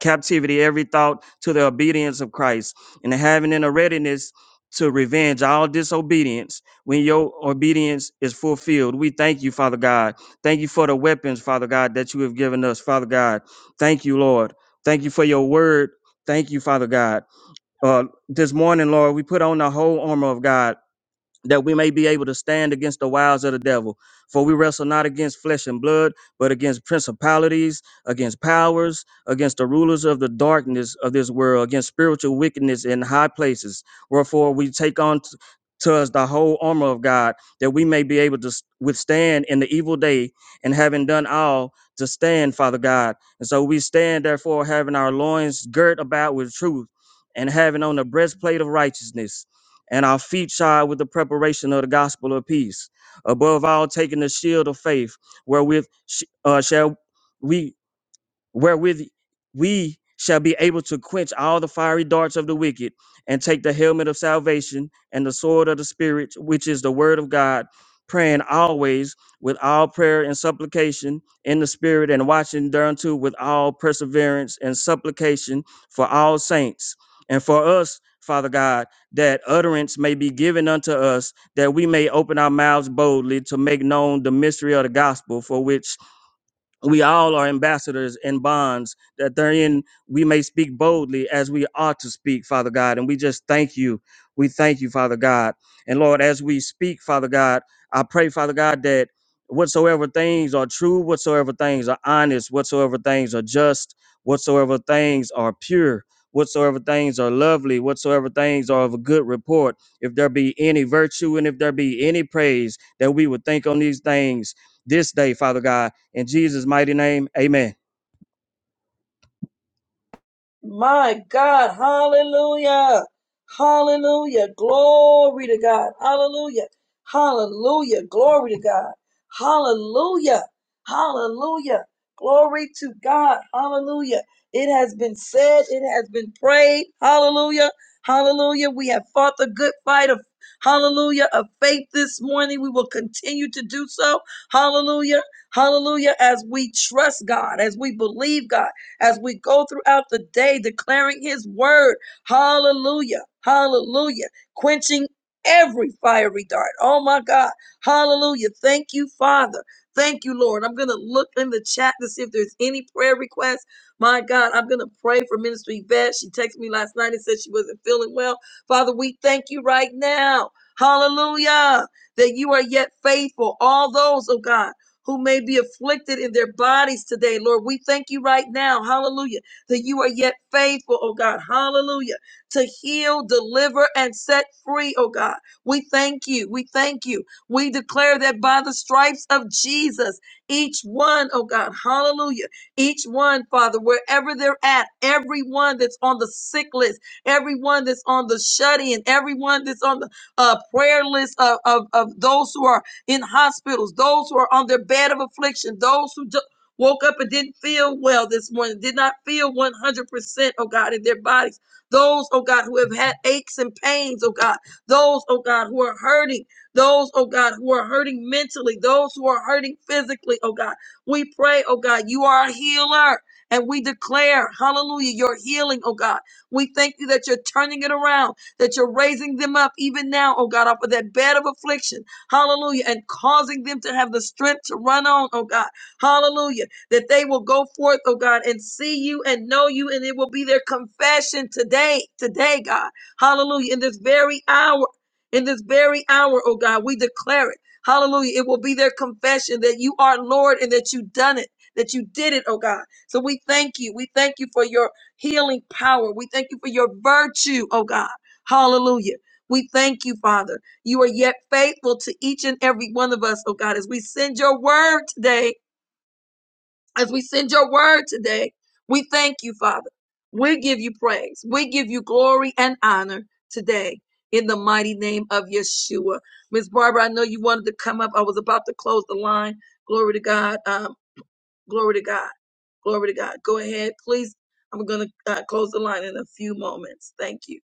F: captivity every thought to the obedience of Christ, and having in a readiness to revenge all disobedience when your obedience is fulfilled. We thank you, Father God. Thank you for the weapons, Father God, that you have given us, Father God. Thank you, Lord. Thank you for your word Thank you, Father God. Uh, this morning, Lord, we put on the whole armor of God that we may be able to stand against the wiles of the devil. For we wrestle not against flesh and blood, but against principalities, against powers, against the rulers of the darkness of this world, against spiritual wickedness in high places. Wherefore we take on t- to us the whole armor of God, that we may be able to s- withstand in the evil day, and having done all, to stand, Father God. And so we stand, therefore, having our loins girt about with truth, and having on the breastplate of righteousness and our feet shod with the preparation of the gospel of peace. Above all, taking the shield of faith, wherewith sh- uh, shall we wherewith we shall be able to quench all the fiery darts of the wicked, and take the helmet of salvation and the sword of the Spirit, which is the word of God, praying always with all prayer and supplication in the Spirit, and watching thereunto with all perseverance and supplication for all saints and for us. Father God, that utterance may be given unto us, that we may open our mouths boldly to make known the mystery of the gospel, for which we all are ambassadors in bonds that therein we may speak boldly as we ought to speak father god and we just thank you we thank you father god and lord as we speak father god i pray father god that whatsoever things are true whatsoever things are honest whatsoever things are just whatsoever things are pure whatsoever things are lovely whatsoever things are of a good report if there be any virtue and if there be any praise that we would think on these things this day father god in Jesus' mighty name, amen.
A: My God, hallelujah, hallelujah, glory to God, hallelujah, hallelujah, glory to God, hallelujah, hallelujah, glory to God, hallelujah. It has been said, it has been prayed, hallelujah, hallelujah. We have fought the good fight of hallelujah of faith this morning. We will continue to do so, hallelujah, hallelujah, as we trust God, as we believe God as we go throughout the day declaring his word. Hallelujah. Hallelujah. Quenching every fiery dart. Oh my God. Hallelujah. Thank you, Father. Thank you, Lord. I'm going to look in the chat to see if there's any prayer requests. My God, I'm going to pray for Ministry Yvette. She texted me last night and said she wasn't feeling well. Father, we thank you right now. Hallelujah. That you are yet faithful. All those, oh God who may be afflicted in their bodies today, Lord. We thank you right now, hallelujah, that you are yet faithful, oh God, hallelujah, to heal, deliver, and set free, oh God. We thank you, we thank you. We declare that by the stripes of Jesus, each one, oh God, hallelujah, each one, Father, wherever they're at, everyone that's on the sick list, everyone that's on the shut in, everyone that's on the uh, prayer list of, of, of those who are in hospitals, those who are on their bed of affliction, those who ju- woke up and didn't feel well this morning, did not feel 100%, oh God, in their bodies. Those, oh God, who have had aches and pains, oh God. Those, oh God, who are hurting. Those, oh God, who are hurting mentally. Those who are hurting physically, oh God. We pray, oh God, you are a healer. And we declare, hallelujah, your healing, oh God. We thank you that you're turning it around, that you're raising them up even now, oh God, off of that bed of affliction hallelujah, and causing them to have the strength to run on, oh God, hallelujah, that they will go forth, oh God, and see you and know you, and it will be their confession today, today, God, hallelujah, in this very hour, in this very hour, oh God, we declare it, hallelujah, it will be their confession that you are Lord and that you done it. That you did it, oh God. So we thank you. We thank you for your healing power. We thank you for your virtue, oh God. Hallelujah. We thank you, Father. You are yet faithful to each and every one of us, oh God, as we send your word today, as we send your word today. We thank you, Father. We give you praise. We give you glory and honor today in the mighty name of Yeshua. Miss Barbara, I know you wanted to come up. I was about to close the line. Glory to God. Um, glory to God. Glory to God. Go ahead, please. I'm going to uh, close the line in a few moments. Thank you.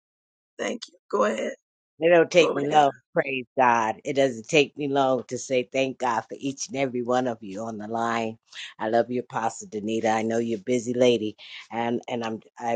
A: Thank you. Go ahead.
G: It don't take
A: Glory
G: me
A: to God.
G: long. Praise God. It doesn't take me long to say thank God for each and every one of you on the line. I love you, Apostle Danita. I know you're a busy lady, and and I'm i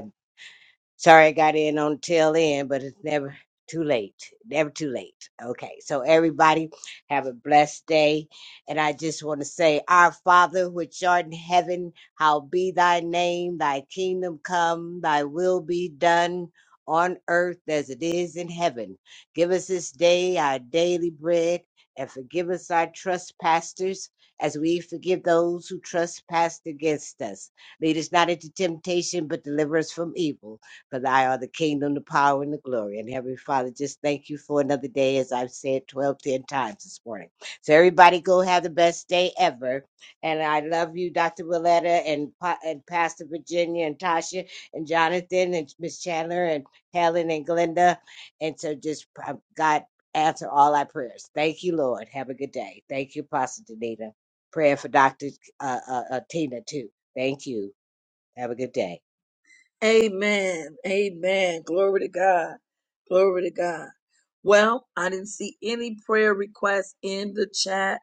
G: Sorry I got in on the tail end, but it's never too late. Never too late. Okay, so everybody have a blessed day. And I just want to say, Our Father, which art in heaven, how be thy name, thy kingdom come, thy will be done on earth as it is in heaven. Give us this day our daily bread and forgive us our trespasses as we forgive those who trespass against us. Lead us not into temptation, but deliver us from evil. Because I are the kingdom, the power, and the glory. And Heavenly Father, just thank you for another day, as I've said 12, 10 times this morning. So everybody go have the best day ever. And I love you, Dr. Willetta, and, Pa- and Pastor Virginia, and Tasha, and Jonathan, and Miss Chandler, and Helen, and Glenda. And so just, uh, God, answer all our prayers. Thank you, Lord. Have a good day. Thank you, Pastor Danita. Prayer for Dr. Uh, uh, uh, Tina, too. Thank you. Have a good day.
A: Amen. Amen. Glory to God. Glory to God. Well, I didn't see any prayer requests in the chat.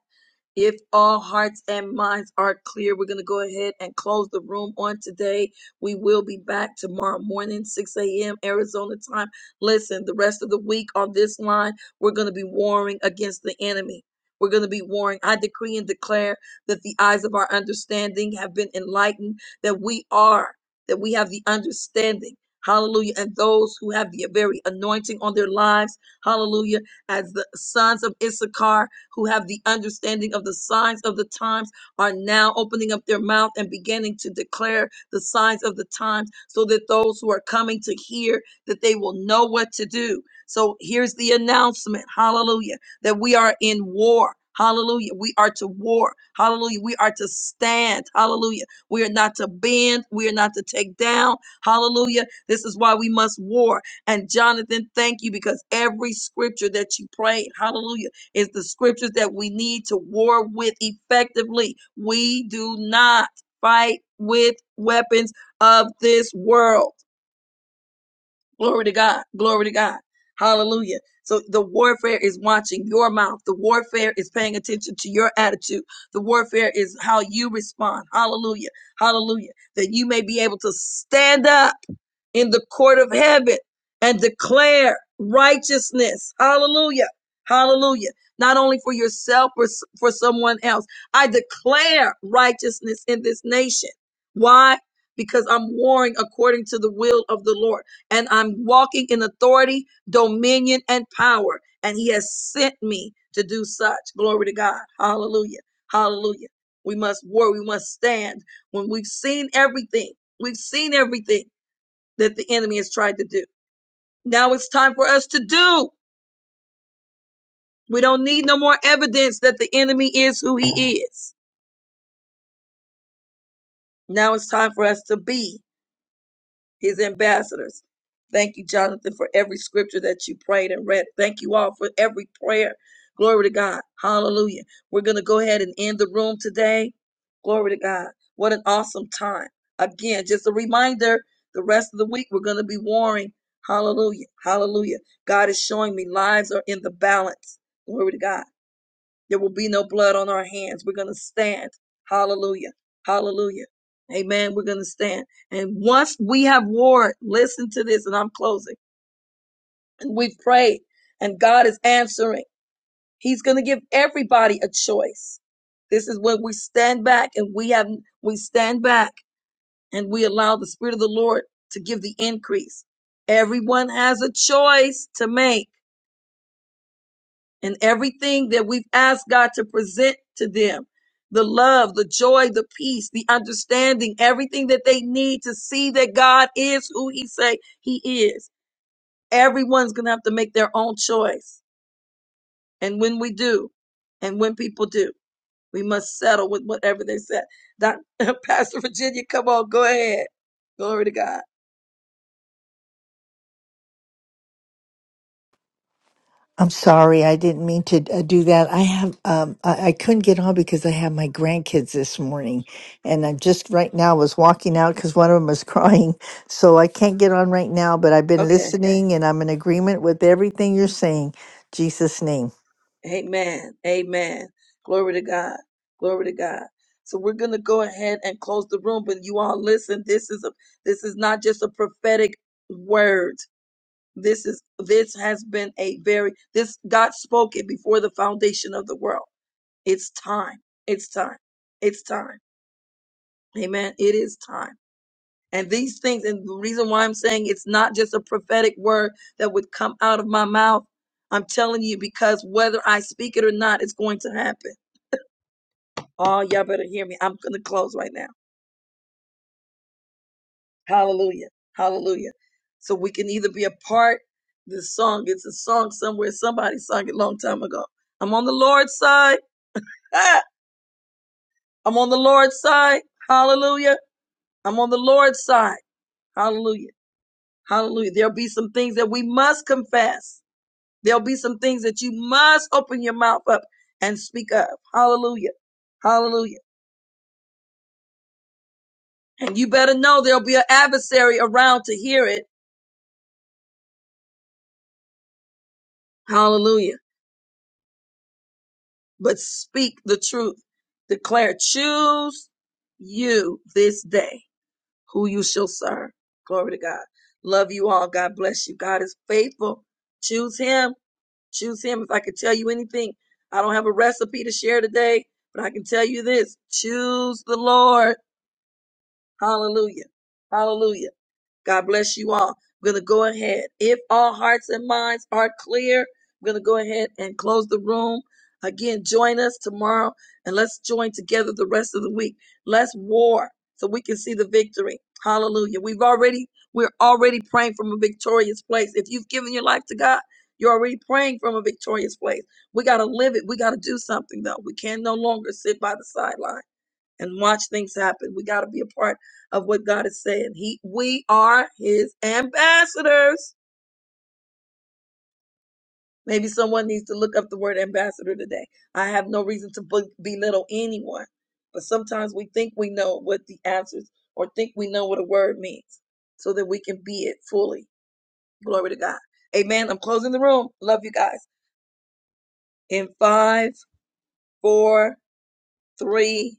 A: If all hearts and minds are clear, we're going to go ahead and close the room on today. We will be back tomorrow morning, 6 a.m. Arizona time. Listen, the rest of the week on this line, we're going to be warring against the enemy. We're going to be warring. I decree and declare that the eyes of our understanding have been enlightened, that we are, that we have the understanding. Hallelujah. And those who have the very anointing on their lives, hallelujah, as the sons of Issachar, who have the understanding of the signs of the times are now opening up their mouth and beginning to declare the signs of the times so that those who are coming to hear that they will know what to do. So here's the announcement. Hallelujah. That we are in war. Hallelujah. We are to war. Hallelujah. We are to stand. Hallelujah. We are not to bend. We are not to take down. Hallelujah. This is why we must war. And Jonathan, thank you because every scripture that you prayed, hallelujah it's the scriptures that we need to war with effectively. We do not fight with weapons of this world. Glory to God. Glory to God. Hallelujah. So the warfare is watching your mouth. The warfare is paying attention to your attitude. The warfare is how you respond. Hallelujah. Hallelujah. That you may be able to stand up in the court of heaven and declare righteousness. Hallelujah. Hallelujah. Not only for yourself or for someone else. I declare righteousness in this nation. Why? Because I'm warring according to the will of the Lord and I'm walking in authority, dominion, and power. And he has sent me to do such. Glory to God. Hallelujah. Hallelujah. We must war. We must stand when we've seen everything. We've seen everything that the enemy has tried to do. Now it's time for us to do. We don't need no more evidence that the enemy is who he is. Now it's time for us to be. his ambassadors. Thank you, Jonathan, for every scripture that you prayed and read. Thank you all for every prayer. Glory to God. Hallelujah. We're going to go ahead and end the room today. Glory to God. What an awesome time. Again, just a reminder the rest of the week we're going to be warring. Hallelujah. Hallelujah. God is showing me lives are in the balance. Glory to God. There will be no blood on our hands. We're going to stand. Hallelujah. Hallelujah. Amen. We're going to stand. And once we have warred, listen to this, and I'm closing. And we've prayed, and God is answering. He's going to give everybody a choice. This is when we stand back and we have we stand back and we allow the Spirit of the Lord to give the increase. Everyone has a choice to make. and everything that we've asked God to present to them the love, the joy, the peace, the understanding, everything that they need to see that God is who He say He is. Everyone's gonna have to make their own choice, and when we do, and when people do, we must settle with whatever they said. Doc, Pastor Virginia, come on, go ahead. Glory to God.
H: I'm sorry, I didn't mean to uh, do that. I have, um, I, I couldn't get on because I have my grandkids this morning, and I just right now was walking out because one of them was crying, so I can't get on right now. But I've been
A: Okay.
H: listening, and I'm in agreement with everything you're saying. Jesus' name.
A: Amen. Amen. Glory to God. Glory to God. So we're gonna go ahead and close the room, but you all listen. This is a this is not just a prophetic word. This is this has been a very this God spoke it before the foundation of the world. It's time. It's time. It's time. Amen. It is time. And these things, and the reason why I'm saying it's not just a prophetic word that would come out of my mouth. I'm telling you because whether I speak it or not, it's going to happen Oh, y'all better hear me. I'm going to close right now. Hallelujah. Hallelujah. So we can either be a part this song. It's a song somewhere. Somebody sung it a long time ago. I'm on the Lord's side. Ah, I'm on the Lord's side. Hallelujah. I'm on the Lord's side. Hallelujah. Hallelujah. There'll be some things that we must confess. There'll be some things that you must open your mouth up and speak of. Hallelujah. Hallelujah. And you better know there'll be an adversary around to hear it. Hallelujah. but speak the truth. Declare, choose you this day who you shall serve. Glory to God. Love you all. God bless you. God is faithful. Choose Him. Choose Him. If I could tell you anything, I don't have a recipe to share today, but I can tell you this choose the Lord. Hallelujah. Hallelujah. God bless you all. I'm going to go ahead. If all hearts and minds are clear, I'm going to go ahead and close the room. Again, join us tomorrow and let's join together the rest of the week. Let's war so we can see the victory. Hallelujah. We've already, we're already praying from a victorious place. If you've given your life to God, you're already praying from a victorious place. We got to live it. We got to do something though. We can no longer sit by the sideline and watch things happen. We got to be a part of what God is saying. He, we are His ambassadors. Maybe someone needs to look up the word ambassador today. I have no reason to be- belittle anyone, but sometimes we think we know what the answers or think we know what a word means, so that we can be it fully. Glory to God. Amen. I'm closing the room. Love you guys. In five, four, three,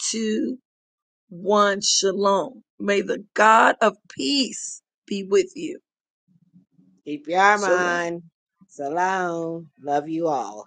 A: two one shalom. May the God of peace be with you.
G: Keep your
A: Shalom.
G: mind. Salam. Love you all.